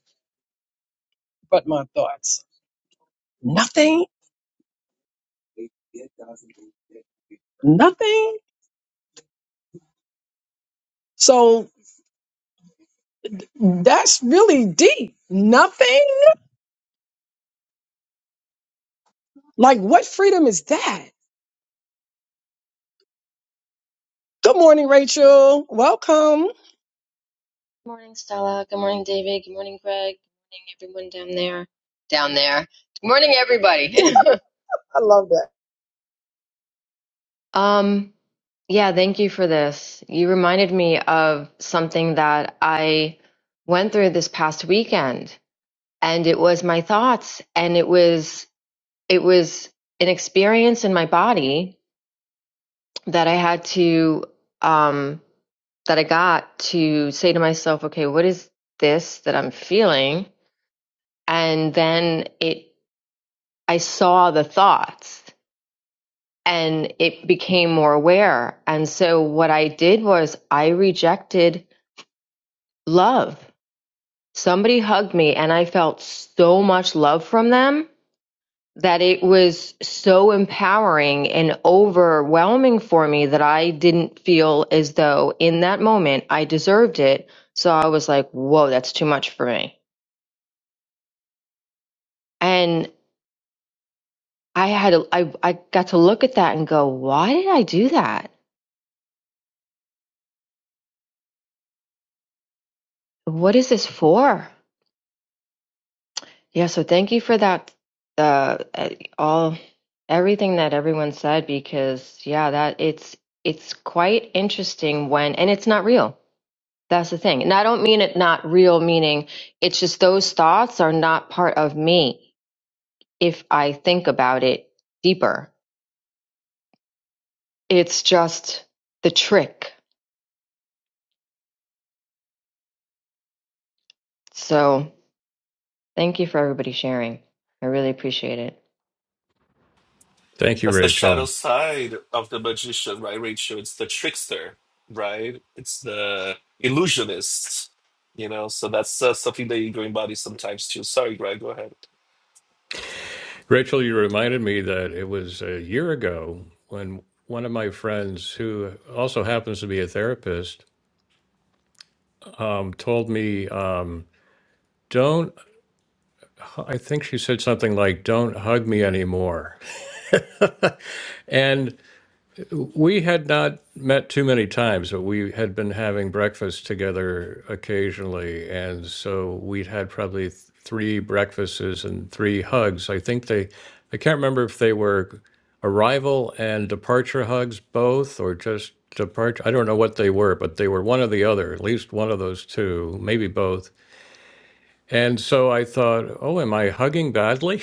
but my thoughts. Nothing, nothing. So that's really deep. Nothing. Like what freedom is that? Good morning, Rachel. Welcome. Good morning, Stella. Good morning, David. Good morning, Greg. Good morning, everyone down there. Down there. Good morning, everybody. um, yeah, thank you for this. You reminded me of something that I went through this past weekend, and it was my thoughts, and it was it was an experience in my body that I had to um that I got to say to myself, okay, what is this that I'm feeling? And then it I saw the thoughts and it became more aware. And so what I did was I rejected love. Somebody hugged me and I felt so much love from them that it was so empowering and overwhelming for me that I didn't feel as though in that moment I deserved it. So I was like, whoa, that's too much for me. And I had, a, I, I got to look at that and go, why did I do that? What is this for? Yeah, so thank you for that. Uh, uh, all everything that everyone said because yeah, that it's it's quite interesting when and it's not real. That's the thing. And I don't mean it not real, meaning it's just those thoughts are not part of me if I think about it deeper. It's just the trick. So. Thank you for everybody sharing. I really appreciate it. Thank you, That's the shadow Rachel. side of the magician, right, Rachel? It's the trickster, right? It's the illusionist, you know? So that's uh, something that ego embodies sometimes too. Sorry, Greg, go ahead. Rachel, you reminded me that it was a year ago when one of my friends, who also happens to be a therapist, um, told me, um, don't, I think she said something like, don't hug me anymore. And we had not met too many times, but we had been having breakfast together occasionally. And so we'd had probably th- three breakfasts and three hugs. I think they, I can't remember if they were arrival and departure hugs both or just departure. I don't know what they were, but they were one or the other, at least one of those two, maybe both. And so I thought, oh, am I hugging badly?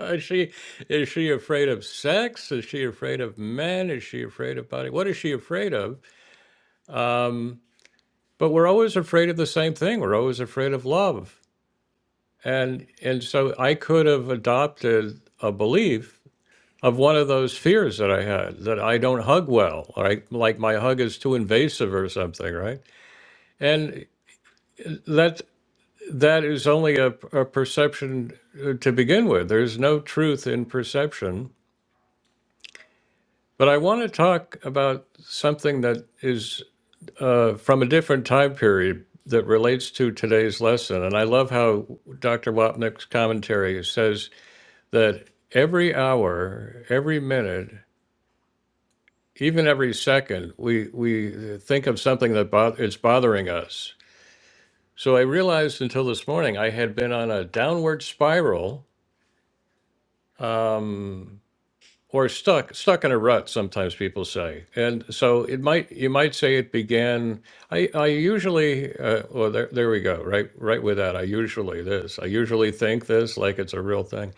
is she is she afraid of sex? Is she afraid of men? Is she afraid of body? What is she afraid of? But we're always afraid of the same thing. We're always afraid of love. And and so I could have adopted a belief of one of those fears that I had that I don't hug well, right? Like my hug is too invasive or something, right? And that. that is only a, a perception uh, to begin with. There's no truth in perception. But I want to talk about something that is uh, from a different time period that relates to today's lesson. And I love how Dr. Wapnick's commentary says that every hour, every minute, even every second, we, we think of something that bo- is bothering us. So I realized until this morning I had been on a downward spiral um, or stuck stuck in a rut sometimes people say and so it might you might say it began i i usually uh, well there, there we go right right with that i usually this i usually think this like it's a real thing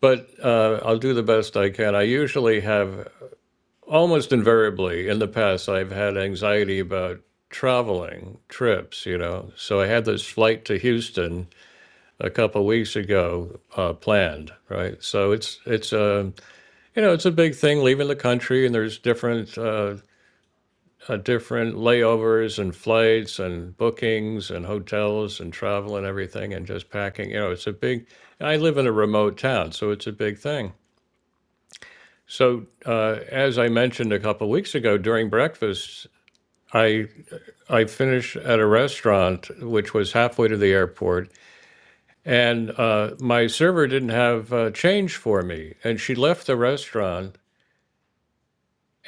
but uh, i'll do the best i can i usually have almost invariably in the past i've had anxiety about traveling trips you know so i had this flight to houston a couple weeks ago uh, planned right so it's it's a you know, it's a big thing leaving the country, and there's different uh, uh, different layovers and flights and bookings and hotels and travel and everything, and just packing. You know, it's a big. I live in a remote town, so it's a big thing. So, uh, as I mentioned a couple weeks ago during breakfast, I I finished at a restaurant which was halfway to the airport, and uh, my server didn't have uh, change for me, and she left the restaurant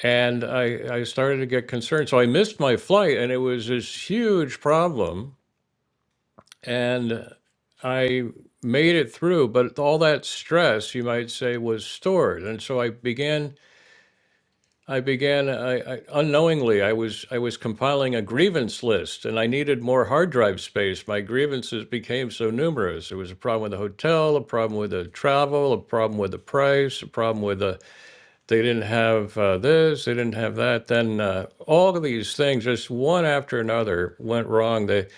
And I, I started to get concerned. So I missed my flight, and it was this huge problem. And I made it through, but all that stress, you might say, was stored. And so I began. I began I, I, unknowingly. I was I was compiling a grievance list, and I needed more hard drive space. My grievances became so numerous. There was a problem with the hotel, a problem with the travel, a problem with the price, a problem with the they didn't have uh, this, they didn't have that. Then uh, all of these things, just one after another, went wrong. The,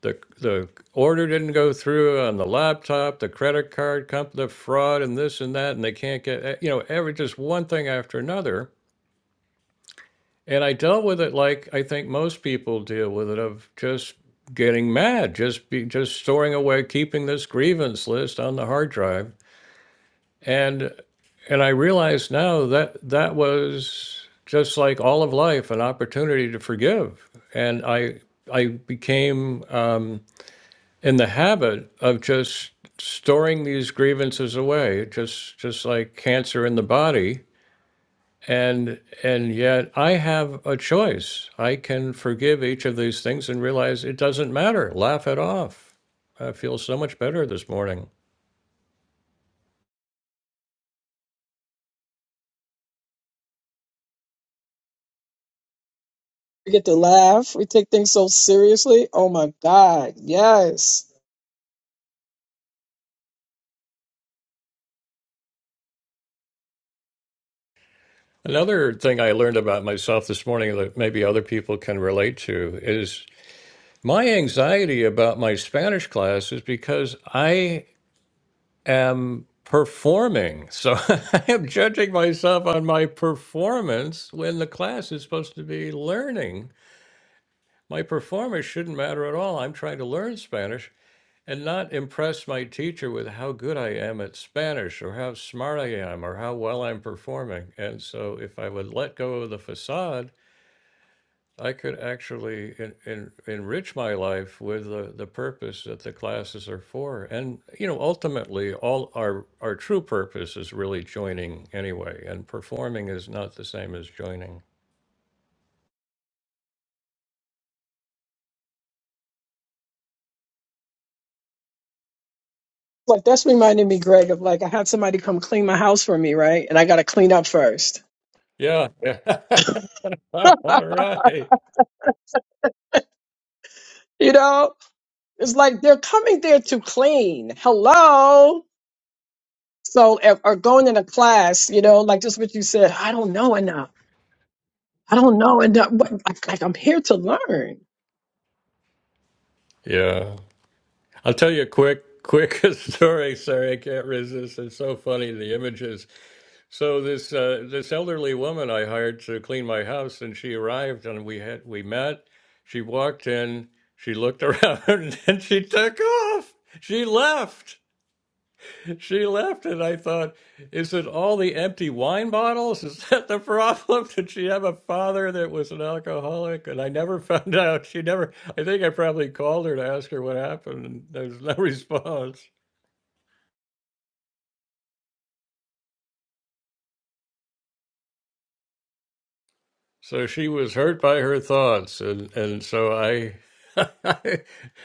the, the order didn't go through on the laptop, the credit card company, the fraud, and this and that. And they can't get, eh, you know, every just one thing after another. And I dealt with it like I think most people deal with it of just getting mad, just be, just storing away, keeping this grievance list on the hard drive and and I realize now that that was just like all of life, an opportunity to forgive. And I I became um, in the habit of just storing these grievances away, just just like cancer in the body. And and yet I have a choice. I can forgive each of these things and realize it doesn't matter. Laugh it off. I feel so much better this morning. We get to laugh. We take things so seriously. Oh my God. Yes. Another thing I learned about myself this morning that maybe other people can relate to is my anxiety about my Spanish class is because I am performing. So I am judging myself on my performance when the class is supposed to be learning. My performance shouldn't matter at all. I'm trying to learn Spanish and not impress my teacher with how good I am at Spanish or how smart I am or how well I'm performing. And so if I would let go of the facade, I could actually en en enrich my life with the the purpose that the classes are for. And, you know, ultimately, all our our true purpose is really joining anyway, and performing is not the same as joining. Like that's reminding me, Greg, of like I had somebody come clean my house for me, right? And I gotta clean up first. Yeah. yeah. All right. you know? It's like they're coming there to clean. Hello. So or or going in a class, you know, like just what you said, I don't know enough. I don't know enough. But, Like, like I'm here to learn. Yeah. I'll tell you a quick, quick story. Sorry, I can't resist. It's so funny, the images. So this uh, this elderly woman I hired to clean my house, and she arrived, and we had we met. She walked in, she looked around, and she took off. She left. She left, and I thought, is it all the empty wine bottles? Is that the problem? Did she have a father that was an alcoholic? And I never found out. She never. I think I probably called her to ask her what happened, and there was no response. So she was hurt by her thoughts, and and so I, I,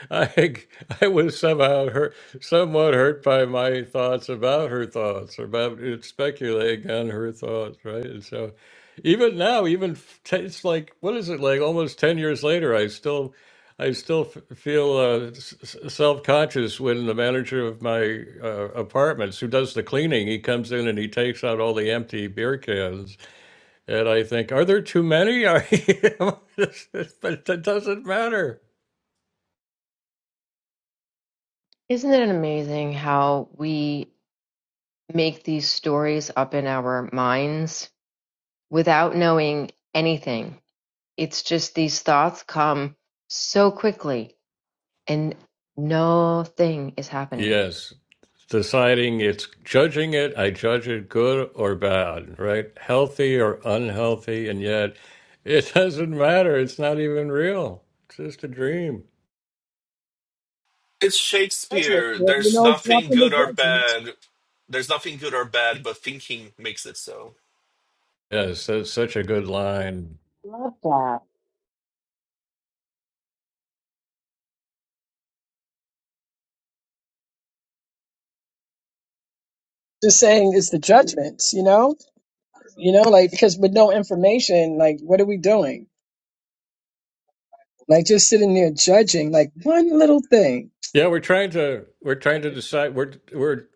I, I was somehow hurt, somewhat hurt by my thoughts about her thoughts, about it speculating on her thoughts, right? And so, even now, even f- t- it's like what is it like? Almost ten years later, I still, I still f- feel uh, s- self conscious when the manager of my uh, apartments, who does the cleaning, he comes in and he takes out all the empty beer cans and I think, are there too many? Are you? but it doesn't matter. Isn't it amazing how we make these stories up in our minds without knowing anything. It's just these thoughts come so quickly and nothing is happening. Yes, deciding it's judging it. I judge it good or bad, right? Healthy or unhealthy, and yet it doesn't matter. It's not even real. It's just a dream. It's Judgment, Shakespeare. you There's know, nothing dropping the good or judgments. bad. There's nothing good or bad, but thinking makes it so. Yes, that's such a good line. Love that. Just saying it's the judgments, you know? You know, like because with no information, like what are we doing? Like just sitting there judging, like one little thing. Yeah, we're trying to we're trying to decide. We're we're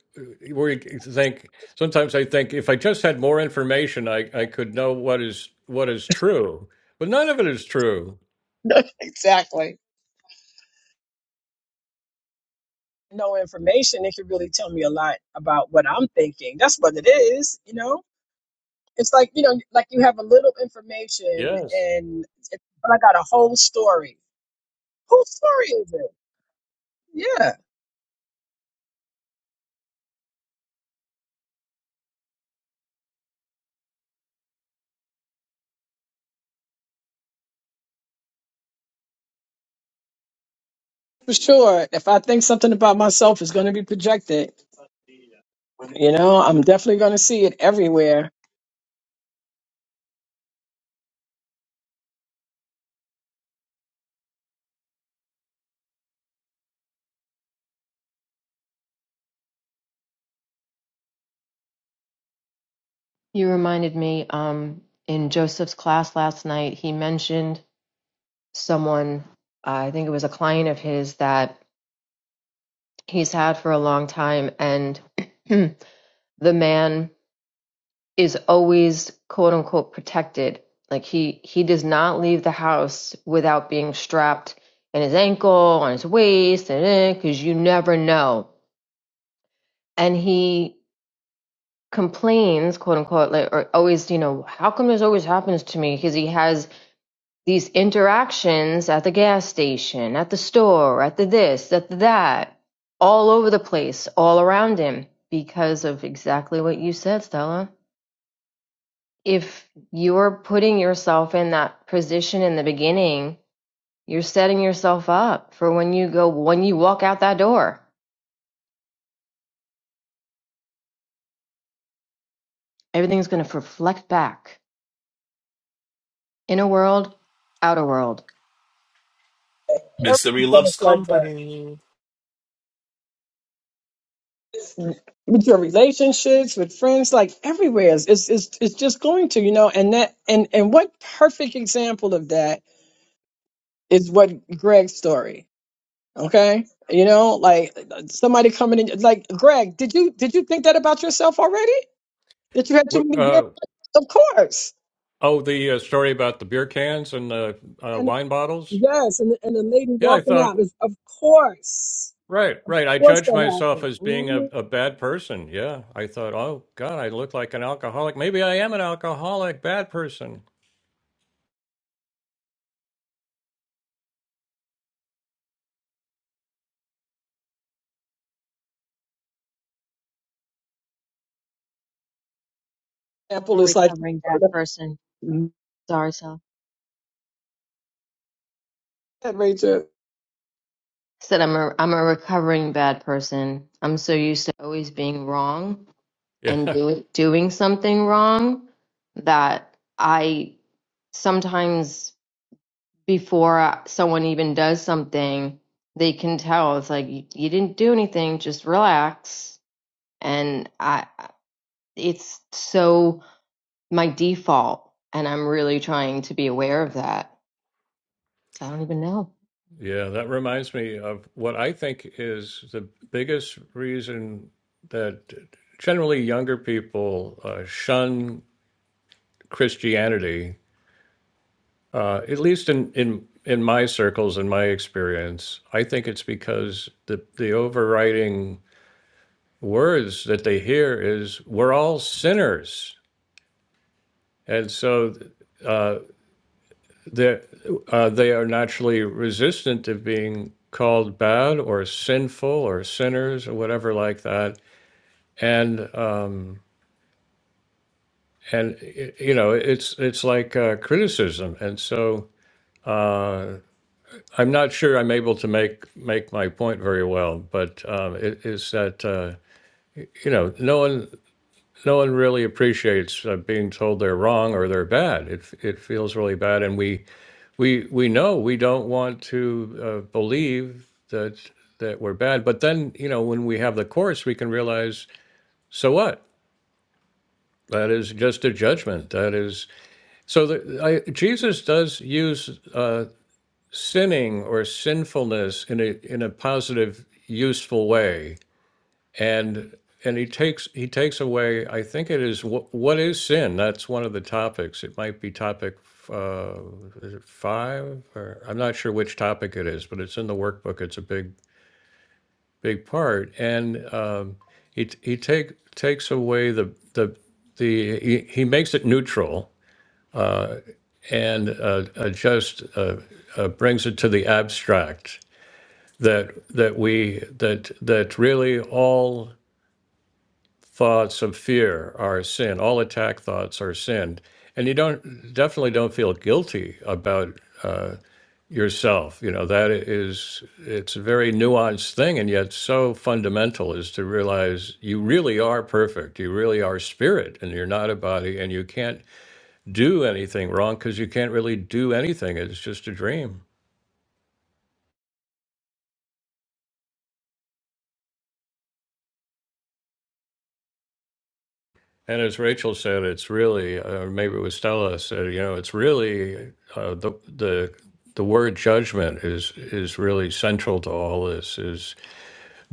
we think sometimes I think if I just had more information, I I could know what is what is true, but none of it is true. Like no information, it could really tell me a lot about what I'm thinking. That's what it is, you know? It's like, you know, like you have a little information Yes. and it- but I got a whole story. Whose story is it? Yeah. For sure. If I think something about myself is gonna be projected, You know, I'm definitely going to see it everywhere. You reminded me um, in Joseph's class last night, he mentioned someone, uh, I think it was a client of his that he's had for a long time. And the man is always quote unquote protected. Like he he does not leave the house without being strapped in his ankle, on his waist, and because you never know. And he complains, quote unquote, like or always, you know, how come this always happens to me? Because he has these interactions at the gas station, at the store, at the this, at the that, all over the place, all around him, because of exactly what you said, Stella. if you're putting yourself in that position in the beginning, you're setting yourself up for when you go, when you walk out that door, everything's going to reflect back. Inner world, outer world. Misery Everything's going loves to flood company. back. With your relationships, with friends, like everywhere, it's, it's it's it's just going to, you know. And that and and what perfect example of that is what Greg's story. Okay, you know, like somebody coming in, like Greg, did you did you think that about yourself already? That you had too What, many beers? uh, Of course. oh, the uh, story about the beer cans and the uh, wine bottles. Yes, and the, and the lady Yeah, I walking out thought is, of course, right, right. I of course judged that myself happened. as being a, Mhm. a bad person. Yeah, I thought, oh God, I look like an alcoholic. Maybe I am an alcoholic, bad person. I'm a Apple is like, recovering bad person. that Sorry, self. Rachel. Said I'm a, I'm a recovering bad person. I'm so used to always being wrong Yeah. and do, doing something wrong that I sometimes. before uh, someone even does something, they can tell it's like you, you didn't do anything, just relax. And I, it's so my default, and I'm really trying to be aware of that. So I don't even know. Yeah, that reminds me of what I think is the biggest reason that generally younger people uh, shun Christianity, uh, at least in, in in my circles in my experience. I think it's because the the overriding words that they hear is "we're all sinners," and so uh, they uh, they are naturally resistant to being called bad or sinful or sinners or whatever like that and um, and y- you know it's it's like uh, criticism, and so uh, I'm not sure I'm able to make make my point very well, but um, it is that uh, you know no one no one really appreciates uh, being told they're wrong or they're bad. It it feels really bad, and we we we know we don't want to uh, believe that that we're bad, but then you know when we have the course, we can realize so what that is just a judgment. That is So the, I, Jesus does use uh, sinning or sinfulness in a in a positive, useful way, and and he takes he takes away. I think it is what, what is sin. That's one of the topics. It might be topic uh, is it five, or I'm not sure which topic it is, but it's in the workbook. It's a big big part, and um, he he take takes away the the the he, he makes it neutral and uh, uh, just uh, uh, brings it to the abstract that that we that that really all thoughts of fear are sin all attack thoughts are sin and you don't definitely don't feel guilty about uh, yourself you know that is it's a very nuanced thing and yet so fundamental is to realize you really are perfect you really are spirit and you're not a body and you can't do anything wrong because you can't really do anything. It's just a dream. And as Rachel said, it's really, uh, maybe it was Stella said, you know, it's really uh, the the the word judgment is is really central to all this. Is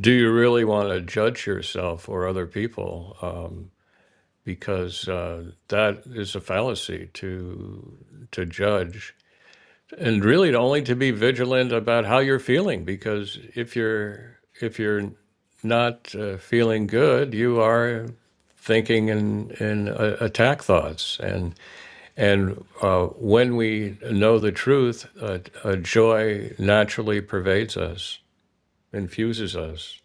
do you really want to judge yourself or other people? Um, because uh, that is a fallacy to to judge And really only to be vigilant about how you're feeling because if you're if you're not uh, feeling good, you are thinking in in uh, attack thoughts and and uh, when we know the truth, uh, uh, joy naturally pervades us, infuses us.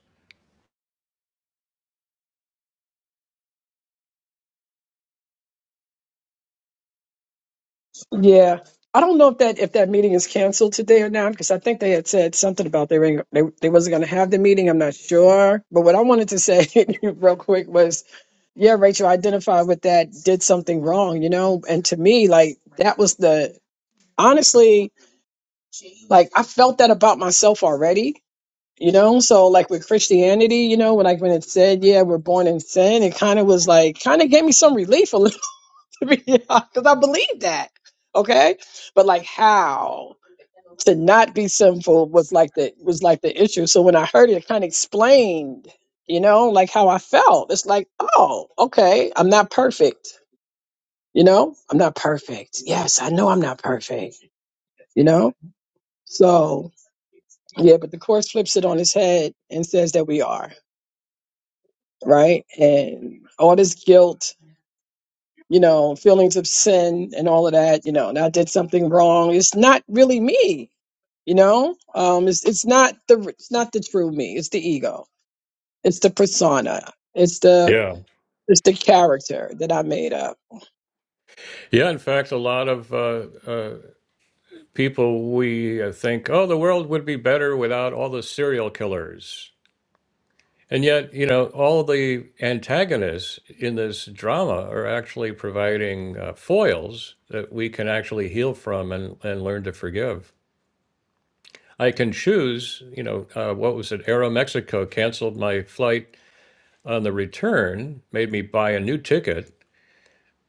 Yeah, I don't know if that if that meeting is canceled today or not because I think they had said something about they were they, they wasn't going to have the meeting. I'm not sure, but what I wanted to say real quick was, yeah, Rachel identified with that, did something wrong, you know, and to me, like that was the honestly, like I felt that about myself already You know, so like with Christianity, you know, when like when it said, yeah, we're born in sin, it kind of was like kind of gave me some relief a little to be because I believed that. Okay. But like how to not be sinful was like the was like the issue. So when I heard it, it kind of explained, you know, like how I felt. It's like, oh, okay, I'm not perfect. You know, I'm not perfect. Yes, I know I'm not perfect, you know? So yeah, but the course flips it on its head and says that we are. right? And all this guilt, you know, feelings of sin and all of that, you know, and I did something wrong. It's not really me, you know. Um, it's it's not the it's not the true me. It's the ego. It's the persona. It's the Yeah. it's the character that I made up. Yeah. In fact, a lot of uh, uh, people we uh, think, oh, the world would be better without all the serial killers. And yet, you know, all the antagonists in this drama are actually providing uh, foils that we can actually heal from and, and learn to forgive. I can choose, you know, uh, what was it? Aeromexico canceled my flight on the return, made me buy a new ticket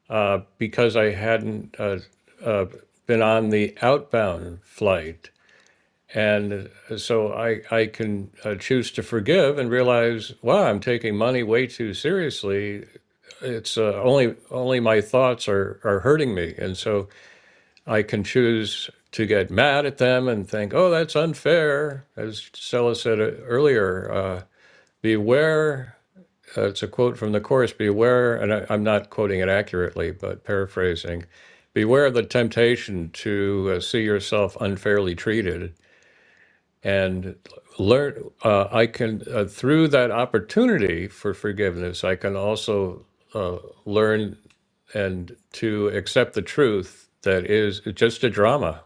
uh, because I hadn't uh, uh, been on the outbound flight. And uh, so I, I can uh, choose to forgive and realize, wow, I'm taking money way too seriously it's uh, only only my thoughts are are hurting me and so i can choose to get mad at them and think oh that's unfair as stella said uh, earlier uh, beware uh, it's a quote from the Course. beware and I, i'm not quoting it accurately but paraphrasing beware of the temptation to uh, see yourself unfairly treated and learn uh, i can uh, through that opportunity for forgiveness i can also uh, learn and to accept the truth that is just a drama.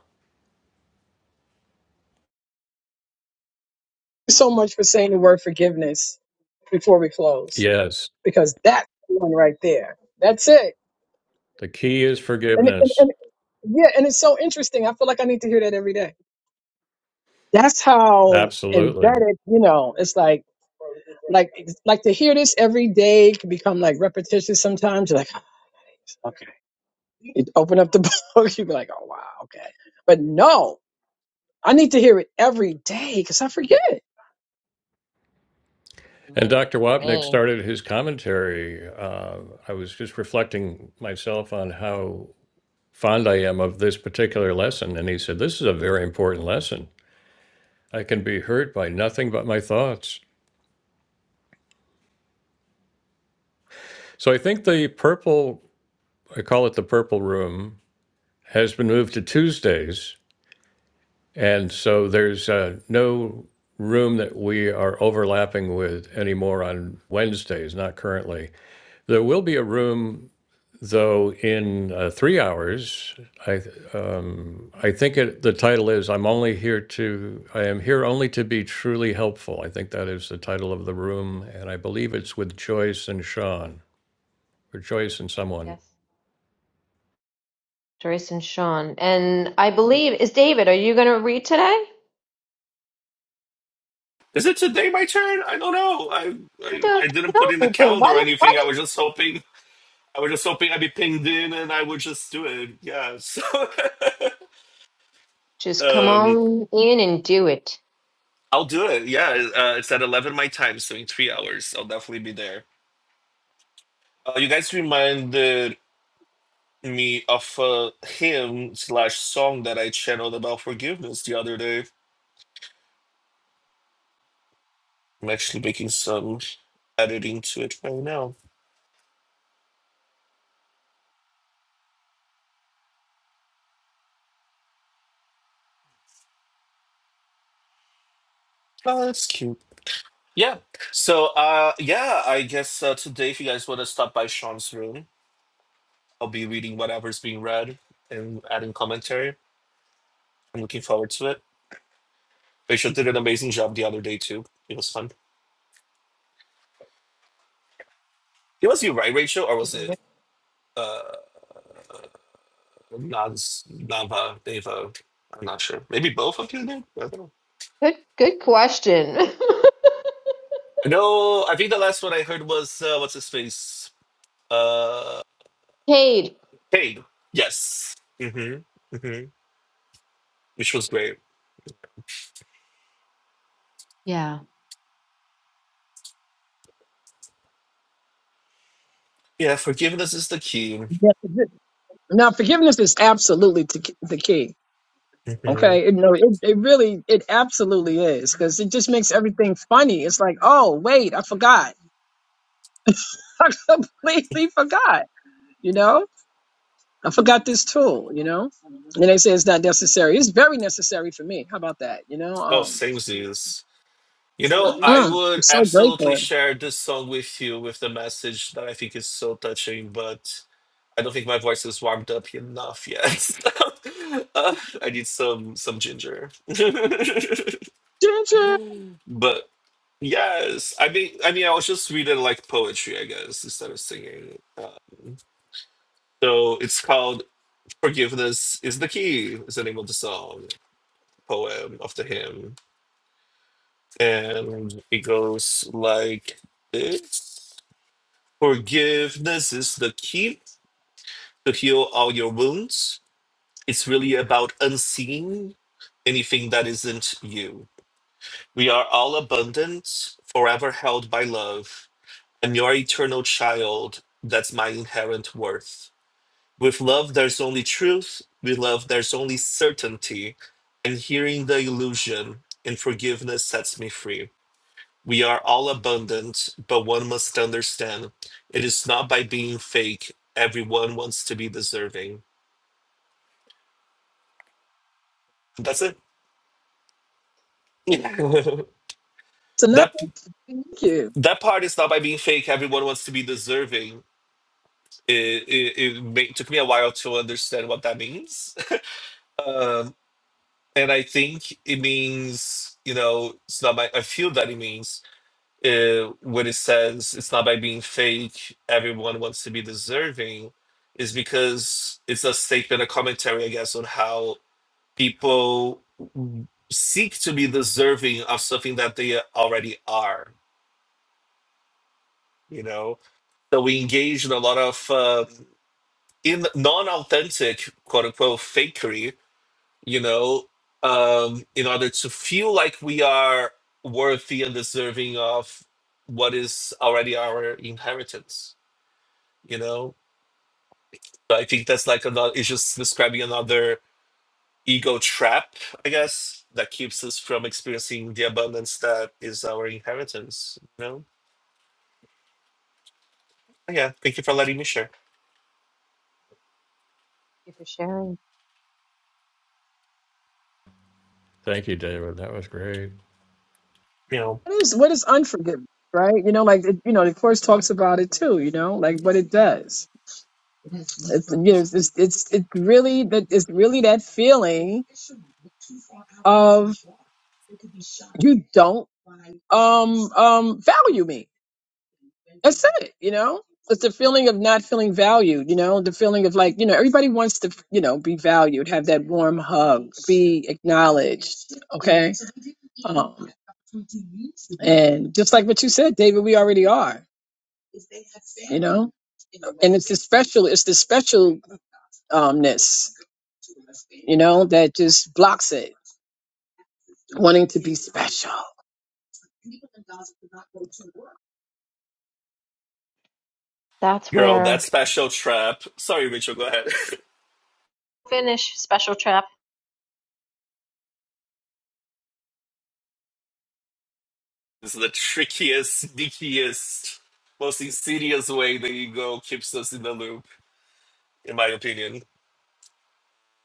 so much for saying the word forgiveness before we close Yes, because that's the one right there. That's it. the key is And, and, forgiveness. and yeah, and it's so interesting. I feel like I need to hear that every day. That's how Absolutely. embedded, you know, it's like, like, like to hear this every day can become like repetitious sometimes. You're like, "Oh, okay, you open up the book, you be like, oh wow, okay. But no, I need to hear it every day because I forget. And Moment Dr. for Wapnick me. started his commentary. Uh, I was just reflecting myself on how fond I am of this particular lesson. And he said, This is a very important lesson. I can be hurt by nothing but my thoughts. So I think the purple, I call it the purple room, has been moved to Tuesdays And so there's uh, no room that we are overlapping with anymore on Wednesdays, not currently. There will be a room, though, in uh, three hours. I, um, I think it, the title is I'm only here to, I am here only to be truly helpful. I think that is the title of the room. And I believe it's with Joyce and Sean, or Joyce and someone. Yes. Joyce and Sean. And I believe is David, are you gonna read today? Is it today my turn? I don't know. I, I I I don't didn't put in the know, but why calendar or did why anything. I did was just hoping. I was just hoping I'd be pinged in and I would just do it. Yeah. So just come um, on in and do it. I'll do it. Yeah. Uh, it's at eleven my time, so in three hours I'll definitely be there. Uh, you guys reminded me of a hymn slash song that I channeled about forgiveness the other day. I'm actually making some editing to it right now. Oh, that's cute. Yeah. So, uh, yeah, I guess uh, today, if you guys want to stop by Sean's room, I'll be reading whatever's being read and adding commentary. I'm looking forward to it. Rachel did an amazing job the other day too. It was fun. It was you, right, Rachel, or Hey, was it David. uh, Naz, Nava, Deva? I'm not sure. Maybe both of you did. I don't know. Good good question. I know. I think the last one I heard was uh, what's his face? Uh, Cade. Cade. Yes. hmm hmm Which was great. Yeah. Yeah, forgiveness is the key. Yeah, forgi- Now, forgiveness is absolutely t- the key. Mhm. Okay, it, no, it it really it absolutely is because it just makes everything funny. It's like, oh wait, I forgot. I completely forgot. You know, I forgot this tool. You know, and they say it's not necessary. It's very necessary for me. How about that? You know, Oh, um, same zeus. You know, I uh-uh. would I'm so absolutely grateful. share this song with you with the message that I think is so touching, but I don't think my voice is warmed up enough yet. Uh, I need some some ginger. Ginger, But yes, I mean, I mean, I was just reading like poetry, I guess, instead of singing. Um, so it's called "Forgiveness is the Key" is the name of the song, poem of the hymn. And it goes like this Forgiveness is the key to heal all your wounds. It's really about unseeing anything that isn't you. We are all abundant, forever held by love. I'm your eternal child. That's my inherent worth. With love, there's only truth. With love, there's only certainty. And hearing the illusion and forgiveness sets me free. We are all abundant, but one must understand it is not by being fake. Everyone wants to be deserving. That's it. it's another that thank you. that part is not by being fake. Everyone wants to be deserving. It, it, it ma- took me a while to understand what that means. Um, and I think it means, you know, it's not my, I feel that it means uh, when it says it's not by being fake, everyone wants to be deserving, is because it's a statement, a commentary, I guess, on how people seek to be deserving of something that they already are, you know? So we engage in a lot of um in non-authentic, quote unquote, fakery, you know, um, in order to feel like we are worthy and deserving of what is already our inheritance you know so i think that's like another it's just describing another ego trap i guess that keeps us from experiencing the abundance that is our inheritance you know But yeah thank you for letting me share you for sharing. Thank you, David. That was great. you know What is what is unforgiveness, right? You know, like it, you know, the course talks about it too. You know, like what it does. It's you know, it's it's it's really that it's really that feeling of you don't um um value me. That's it, you know? It's the feeling of not feeling valued, you know, the feeling of like, you know, everybody wants to, you know, be valued, have that warm hug, be acknowledged. Okay. Um, and just like what you said, David, we already are, you know? And it's the special, it's the specialness, you know, that just blocks it, wanting to be special. That's girl that where special trap sorry rachel go ahead Finish Special Trap. this is the trickiest sneakiest most insidious way the ego keeps us in the loop in my opinion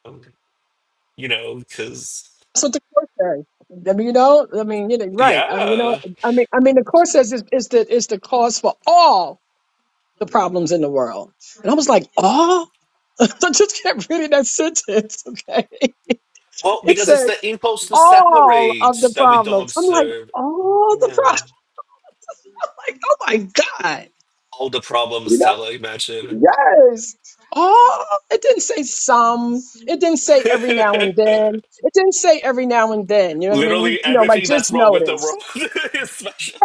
Um, you know because That's what the court says. I mean, you know, I mean, you know, right. I mean, you know, yeah I mean, I mean, the court says it's, it's the it's the cause for all the problems in the world. And I was like, all. I just kept reading that sentence. Okay, well it because said it's the impulse to all separate of the that we don't problems. I'm like, observe all the Yeah. problems. Like, oh my god. All the problems, You Stella, imagine. know, Yes. All. It didn't say some. It didn't say every now and then. It didn't say every now and then. You know what I mean? You, Literally you know, like everything that's just wrong with the notice. world is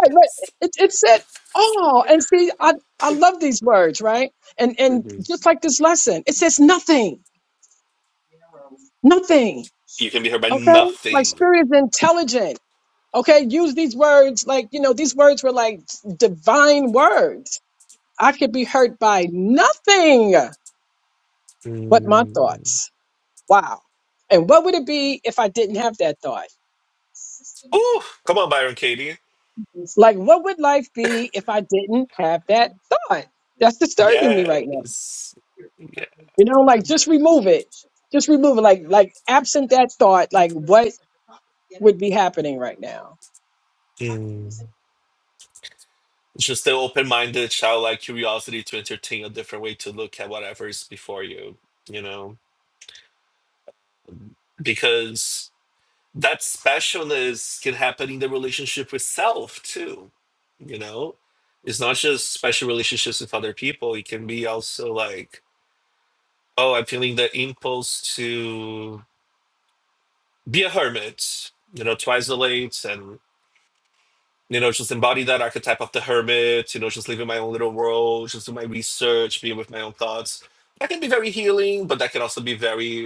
right, right. It, it said all. And see, I, I love these words, right? And and just like this lesson, it says nothing, nothing. You can be hurt by Okay, like nothing. spirit is intelligent. Okay, use these words like you know these words were like divine words. I could be hurt by nothing but my Mm. thoughts. Wow. And what would it be if I didn't have that thought? Ooh, come on, Byron Katie. Like, what would life be if I didn't have that thought? That's disturbing me right now. Yes. Yeah. You know, like just remove it. Just remove it. Like like absent that thought, like what would be happening right now? Mm. Just the open minded, childlike curiosity to entertain a different way to look at whatever is before you, you know? Because that specialness can happen in the relationship with self too you know it's not just special relationships with other people it can be also like oh i'm feeling the impulse to be a hermit you know to isolate and you know just embody that archetype of the hermit you know just live in my own little world just do my research be with my own thoughts that can be very healing but that can also be very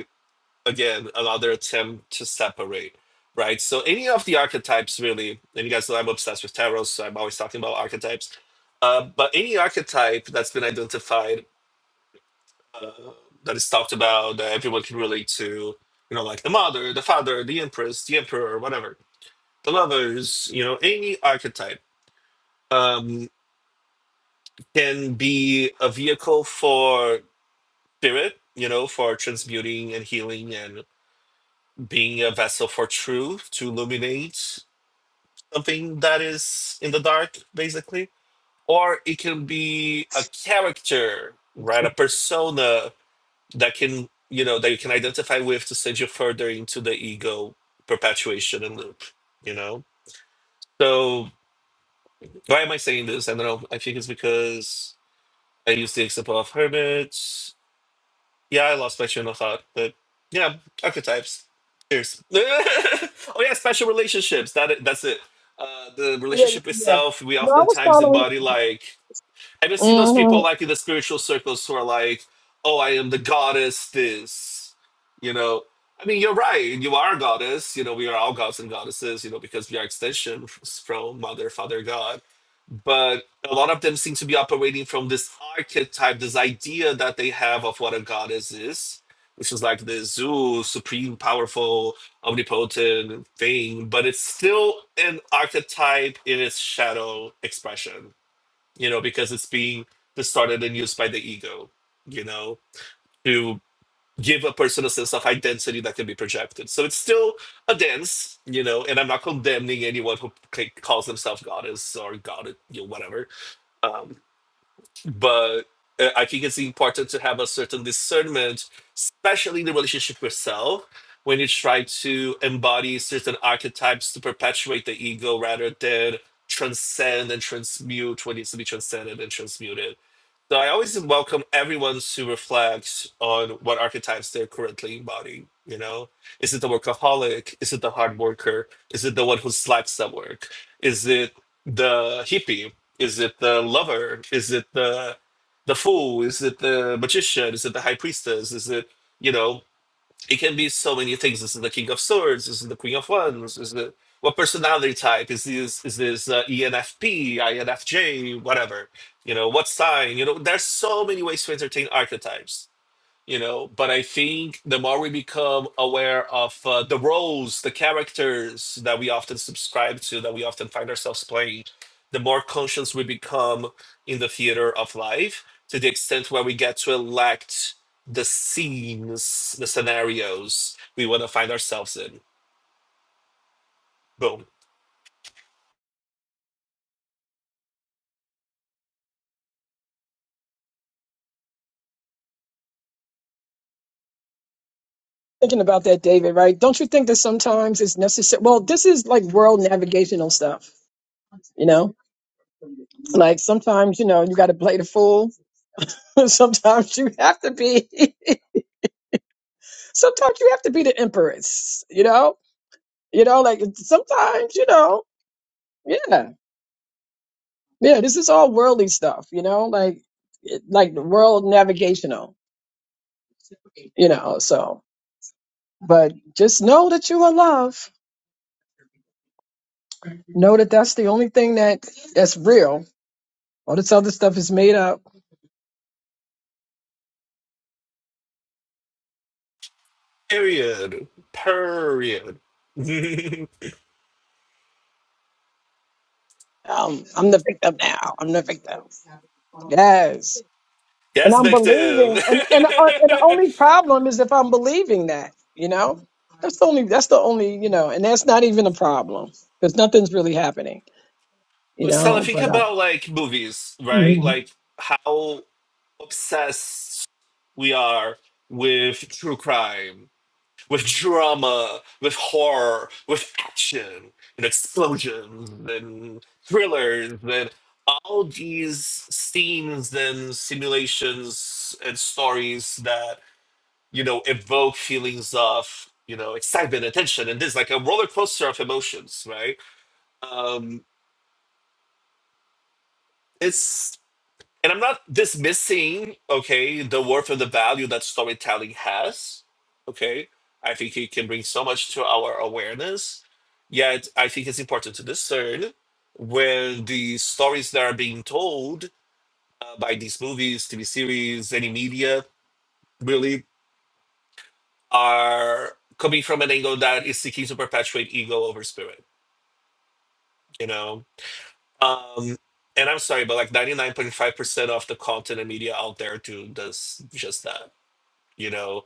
again another attempt to separate right so any of the archetypes really and you guys know i'm obsessed with tarot so i'm always talking about archetypes uh, but any archetype that's been identified uh, that is talked about that everyone can relate to you know like the mother the father the empress the emperor whatever the lovers you know any archetype um, can be a vehicle for spirit you know for transmuting and healing and being a vessel for truth to illuminate something that is in the dark, basically, or it can be a character, right? A persona that can, you know, that you can identify with to send you further into the ego perpetuation and loop, you know? So, why am I saying this? I don't know. I think it's because I use the example of hermits. Yeah, I love Spectrum of Thought, but yeah, archetypes. Cheers. oh yeah, special relationships. That that's it. Uh, the Yeah, yeah. relationship yeah. itself, we No, I was oftentimes following. embody like I've just seen those people hmm like in the spiritual circles who are like, "Oh, I am the goddess this," you know. I mean, you're right. You are a goddess. You know, we are all gods and goddesses. You know, because we are extension from Mother, Father, God. But a lot of them seem to be operating from this archetype, this idea that they have of what a goddess is, which is like the Zeus, supreme, powerful, omnipotent thing. But it's still an archetype in its shadow expression you know, because it's being distorted and used by the ego, you know, to give a person a sense of identity that can be projected. So it's still a dance, you know, and I'm not condemning anyone who ca- calls themselves goddess or god, you know, whatever. Um, but uh, I think it's important to have a certain discernment, especially in the relationship with self, when you try to embody certain archetypes to perpetuate the ego rather than transcend and transmute what needs to be transcended and transmuted. So I always welcome everyone to reflect on what archetypes they're currently embodying. You know, is it the workaholic? Is it the hard worker? Is it the one who slaps at work? Is it the hippie is it the lover? Is it the the fool? Is it the magician? Is it the high priestess? Is it you know? It can be so many things. Is it the king of swords? Is it the queen of wands? Is it what personality type? Is this is this uh, ENFP, INFJ, whatever? You know what sign? You know there's so many ways to entertain archetypes you know but i think the more we become aware of uh, the roles the characters that we often subscribe to that we often find ourselves playing the more conscious we become in the theater of life to the extent where we get to elect the scenes the scenarios we want to find ourselves in boom Thinking about that, David. Right? Don't you think that sometimes it's necessary? Well, this is like world navigational stuff. You know, like sometimes you know you got to play the fool. sometimes you have to be. sometimes you have to be the empress. You know. You know, like sometimes you know. Yeah. Yeah, this is all worldly stuff, you know, like it- like the world navigational, you know. So, but just know that you are loved. Know that that's the only thing that that's real. All this other stuff is made up. period period Um, I'm the victim now. I'm the victim. Yes, and yes I'm victim believing, and and uh, and the only problem is if I'm believing that, you know. That's the only. That's the only. You know, and that's not even a problem because nothing's really happening. You but stella know, think but uh, about like movies right mhm. like how obsessed we are with true crime, with drama, with horror, with action and explosions and thrillers and all these scenes and simulations and stories that you know evoke feelings of you know excitement and tension and this like a roller coaster of emotions right um it's And I'm not dismissing, okay, the worth and the value that storytelling has. Okay. I think it can bring so much to our awareness. Yet I think it's important to discern when the stories that are being told uh, by these movies, TV series, any media really are coming from an angle that is seeking to perpetuate ego over spirit, you know? Um, and I'm sorry, but like 99.5% of the content and media out there do does just that you know.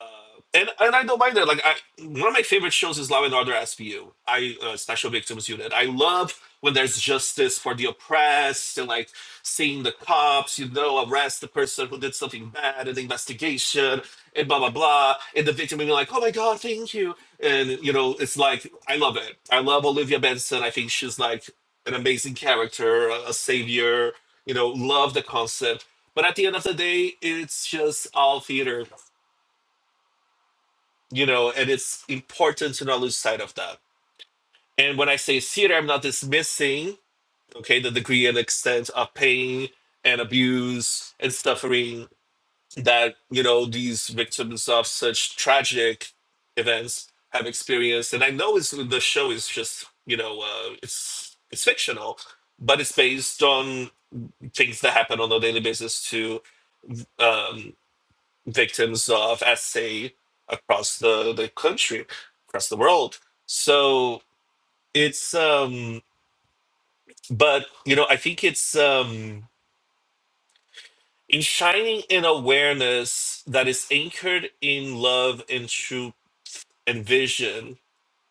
Uh, and and I don't mind that. Like I, one of my favorite shows is Law and Order SVU. I uh, Special Victims Unit. I love when there's justice for the oppressed and like seeing the cops, you know, arrest the person who did something bad and the investigation and blah blah blah, and the victim being like, oh my god, thank you, and you know, it's like I love it. I love Olivia Benson. I think she's like an amazing character, a, a savior. You know, love the concept. But at the end of the day, it's just all theater you know, and it's important to not lose sight of that. And when I say theater, I'm not dismissing, okay, the degree and extent of pain and abuse and suffering that, you know, these victims of such tragic events have experienced. And I know it's the show is just, you know, uh, it's it's fictional, but it's based on things that happen on a daily basis to um, victims of SA across the, the country, across the world. So it's um but you know, I think it's um in shining an awareness that is anchored in love and truth and vision,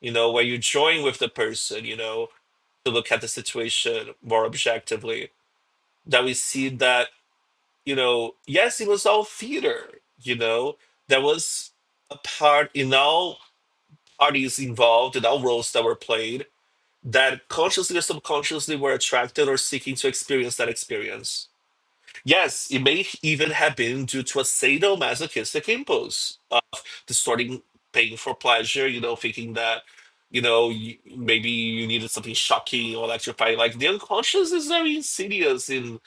you know, where you join with the person, you know, to look at the situation more objectively, that we see that, you know, yes, it was all theater, you know, there was a part in all. parties involved and all roles that were played that consciously or subconsciously were attracted or seeking to experience that experience. Yes, it may even have been due to a sadomasochistic impulse, distorting pain for pleasure, you know, thinking that, you know, you, maybe you needed something shocking or electrifying. Like the unconscious is very insidious in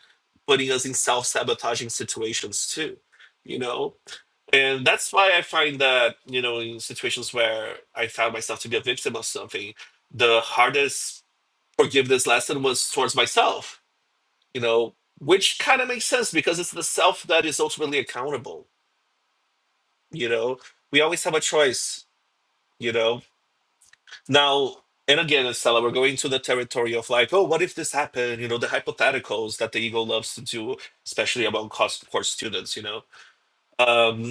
putting us in self sabotaging situations too, you know? And that's why I find that, you know, in situations where I found myself to be a victim of something, the hardest forgiveness lesson was towards myself, you know, which kind of makes sense because it's the self that is ultimately accountable. You know, we always have a choice, you know. Now, and again, Estella, we're going to the territory of like, oh, what if this happened? You know, the hypotheticals that the ego loves to do, especially among course course students, you know. Um,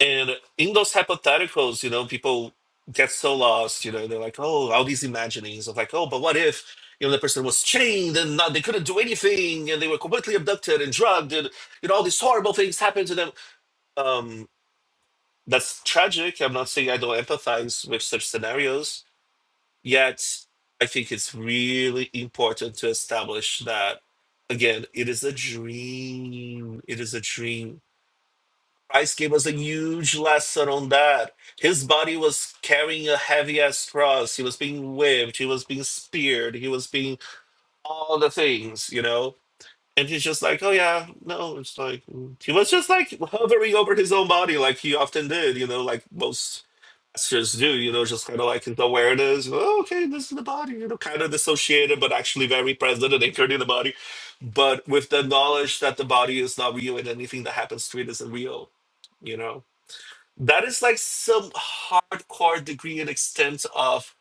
And in those hypotheticals, you know, people get so lost, you know, they're like, oh, all these imaginings of like, oh, but what if, you know, the person was chained and not, they couldn't do anything and they were completely abducted and drugged and, you know, all these horrible things happened to them. Um, that's tragic. I'm not saying I don't empathize with such scenarios, yet I think it's really important to establish that, again, it is a dream. It is a dream Christ gave us a huge lesson on that. His body was carrying a heavy ass cross. He was being whipped. He was being speared. He was being all the things, you know? And he's just like, oh yeah, no, it's like, mm." he was just like hovering over his own body like he often did, you know, like most pastors do, you know, just kind of like his awareness, "Oh, okay, this is the body, you know, kind of dissociated, but actually very present and anchored in the body. But with the knowledge that the body is not real and anything that happens to it isn't real, you know? That is like some hardcore degree and extent of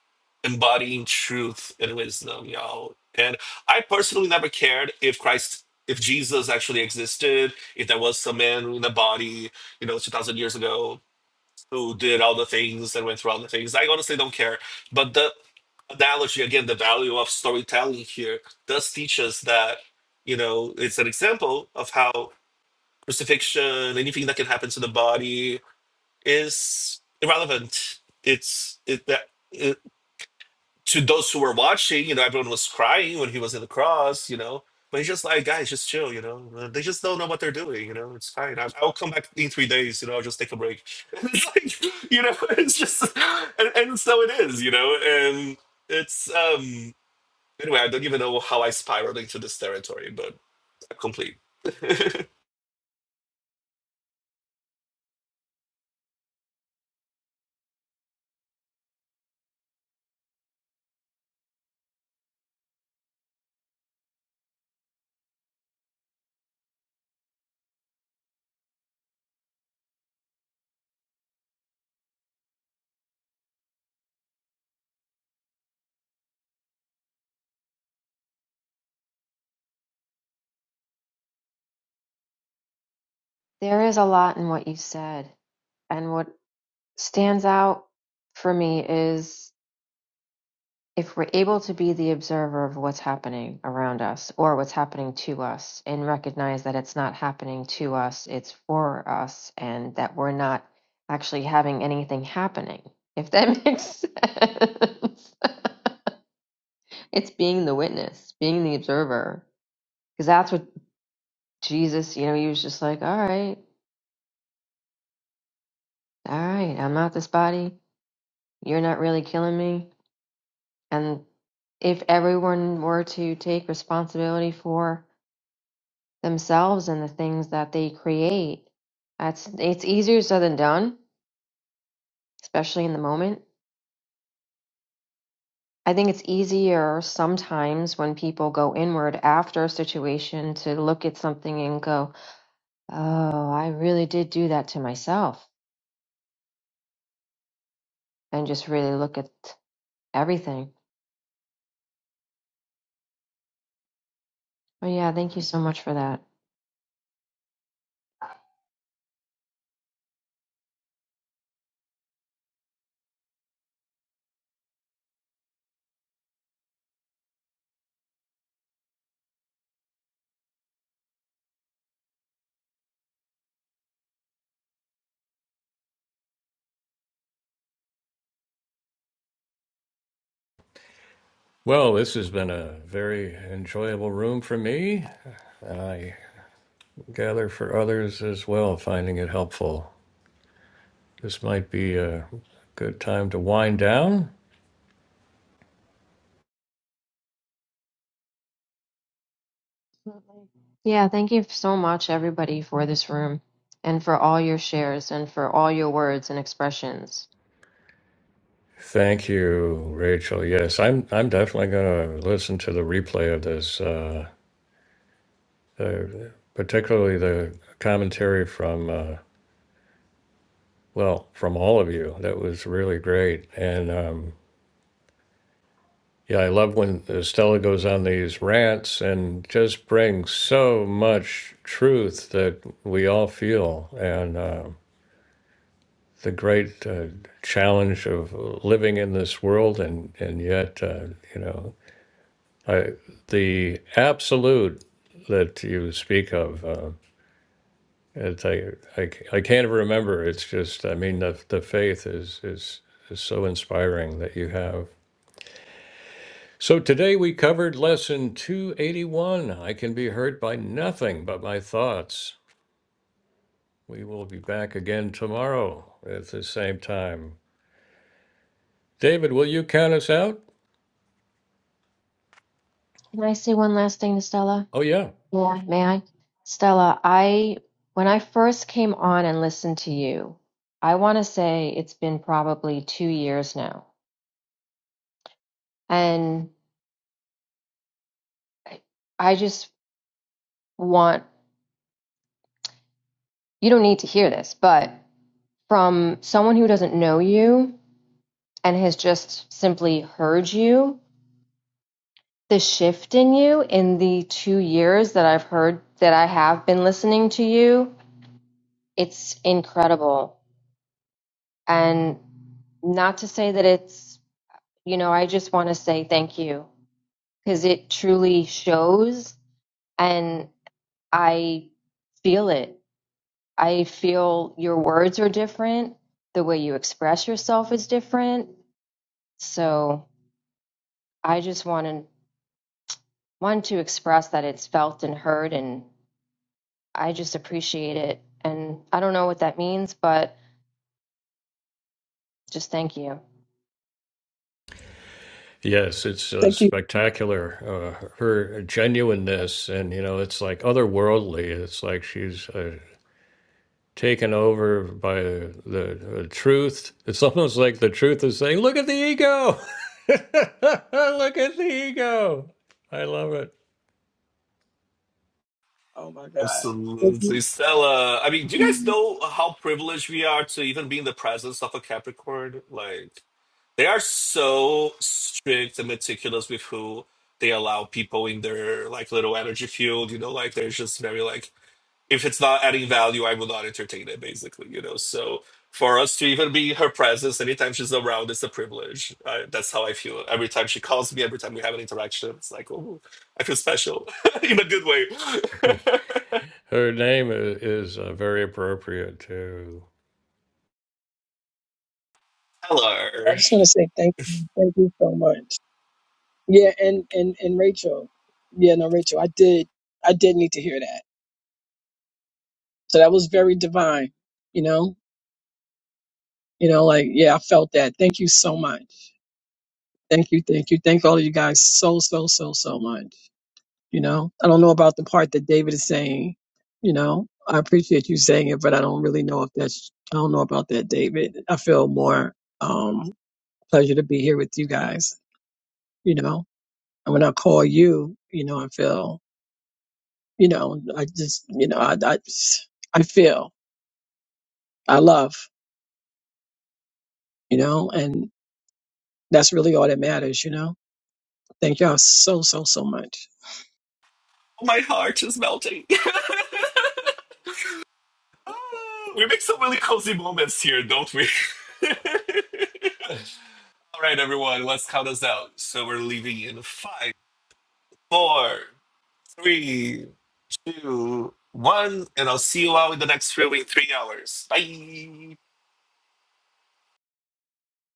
embodying truth and wisdom, y'all. And I personally never cared if Christ, if Jesus actually existed, if there was some man in a body, you know, 2,000 years ago who did all the things and went through all the things. I honestly don't care. But the analogy, again, the value of storytelling here does teach us that, you know, it's an example of how crucifixion, anything that can happen to the body, is irrelevant. It's it, that it, to those who were watching. You know, everyone was crying when he was in the cross. You know, but he's just like, guys, just chill. You know, uh, they just don't know what they're doing. You know, it's fine. I, I'll come back in three days. You know, I'll just take a break. And it's like, you know, it's just, and, and so it is. You know, and it's um. Anyway, I don't even know how I spiraled into this territory, but complete. there is a lot in what you said. And what stands out for me is if we're able to be the observer of what's happening around us or what's happening to us and recognize that it's not happening to us, it's for us, and that we're not actually having anything happening, if that makes sense. it's being the witness, being the observer, because that's what Jesus, you know, he was just like, all right, all right, I'm out this body. You're not really killing me. And if everyone were to take responsibility for themselves and the things that they create, that's it's easier said than done, especially in the moment. I think it's easier sometimes when people go inward after a situation to look at something and go, "Oh, I really did do that to myself," and just really look at everything. Oh yeah, thank you so much for that. Well, this has been a very enjoyable room for me. I gather for others as well, finding it helpful. This might be a good time to wind down. Absolutely. Yeah, thank you so much, everybody, for this room and for all your shares and for all your words and expressions. Thank you, Rachel. Yes, I'm. I'm definitely going to listen to the replay of this, uh, the, particularly the commentary from uh, well, from all of you. That was really great, and um, yeah, I love when Stella goes on these rants and just brings so much truth that we all feel, and. um the great uh, challenge of living in this world, and and yet uh, you know I, the absolute that you speak of. Uh, it's, i I c- I can't remember. It's just I mean the the faith is is is so inspiring that you have. So today we covered lesson 281. I can be hurt by nothing but my thoughts. We will be back again tomorrow at the same time. David, will you count us out? Can I say one last thing to Stella? Oh yeah. Yeah. May I? Stella, I when I first came on and listened to you, I want to say it's been probably two years now. And I I just want you don't need to hear this, but from someone who doesn't know you and has just simply heard you the shift in you in the two years that I've heard that I have been listening to you, it's incredible. And not to say that it's, you know, I just want to say thank you because it truly shows and I feel it. I feel your words are different, the way you express yourself is different. So I just want to want to express that it's felt and heard and. I just appreciate it. And I don't know what that means, but just thank you. Yes, it's uh, thank you. spectacular. Uh, her genuineness, and you know, it's like otherworldly. It's like she's uh, taken over by the uh, truth. It's almost like the truth is saying, "Look at the ego! Look at the ego!" I love it. Oh my God. Absolutely. Stella, I mean, do you guys know how privileged we are to even be in the presence of a Capricorn? Like, they are so strict and meticulous with who they allow people in their like little energy field, you know, like they're just very like, if it's not adding value, I will not entertain it, basically, you know. So for us to even be in her presence anytime she's around is a privilege. I, that's how I feel. Every time she calls me, every time we have an interaction, it's like, oh, I feel special in a good way. Her name i- is uh, very appropriate too. Hello. I just Oh, want to say thank you, thank you so much. Yeah, and and and Rachel, yeah, no, Rachel, I did, I did need to hear that. So that was very divine, you know, you know, like yeah, I felt that. Thank you so much. Thank you, thank you, thank all of you guys so so so so much. You know, I don't know about the part that David is saying. You know, I appreciate you saying it, but I don't really know if that's. I don't know about that, David. I feel more um pleasure to be here with you guys. You know, and when I call you, you know, I feel You know, I just, you know, I, I, I feel, I love, you know, and that's really all that matters, you know. Thank y'all so, so, so much. My heart is melting. Ah, we make some really cozy moments here, don't we? All right, everyone, let's count us out. So we're leaving in five, four, three, two, one, and I'll see you all in the next really three hours. Bye.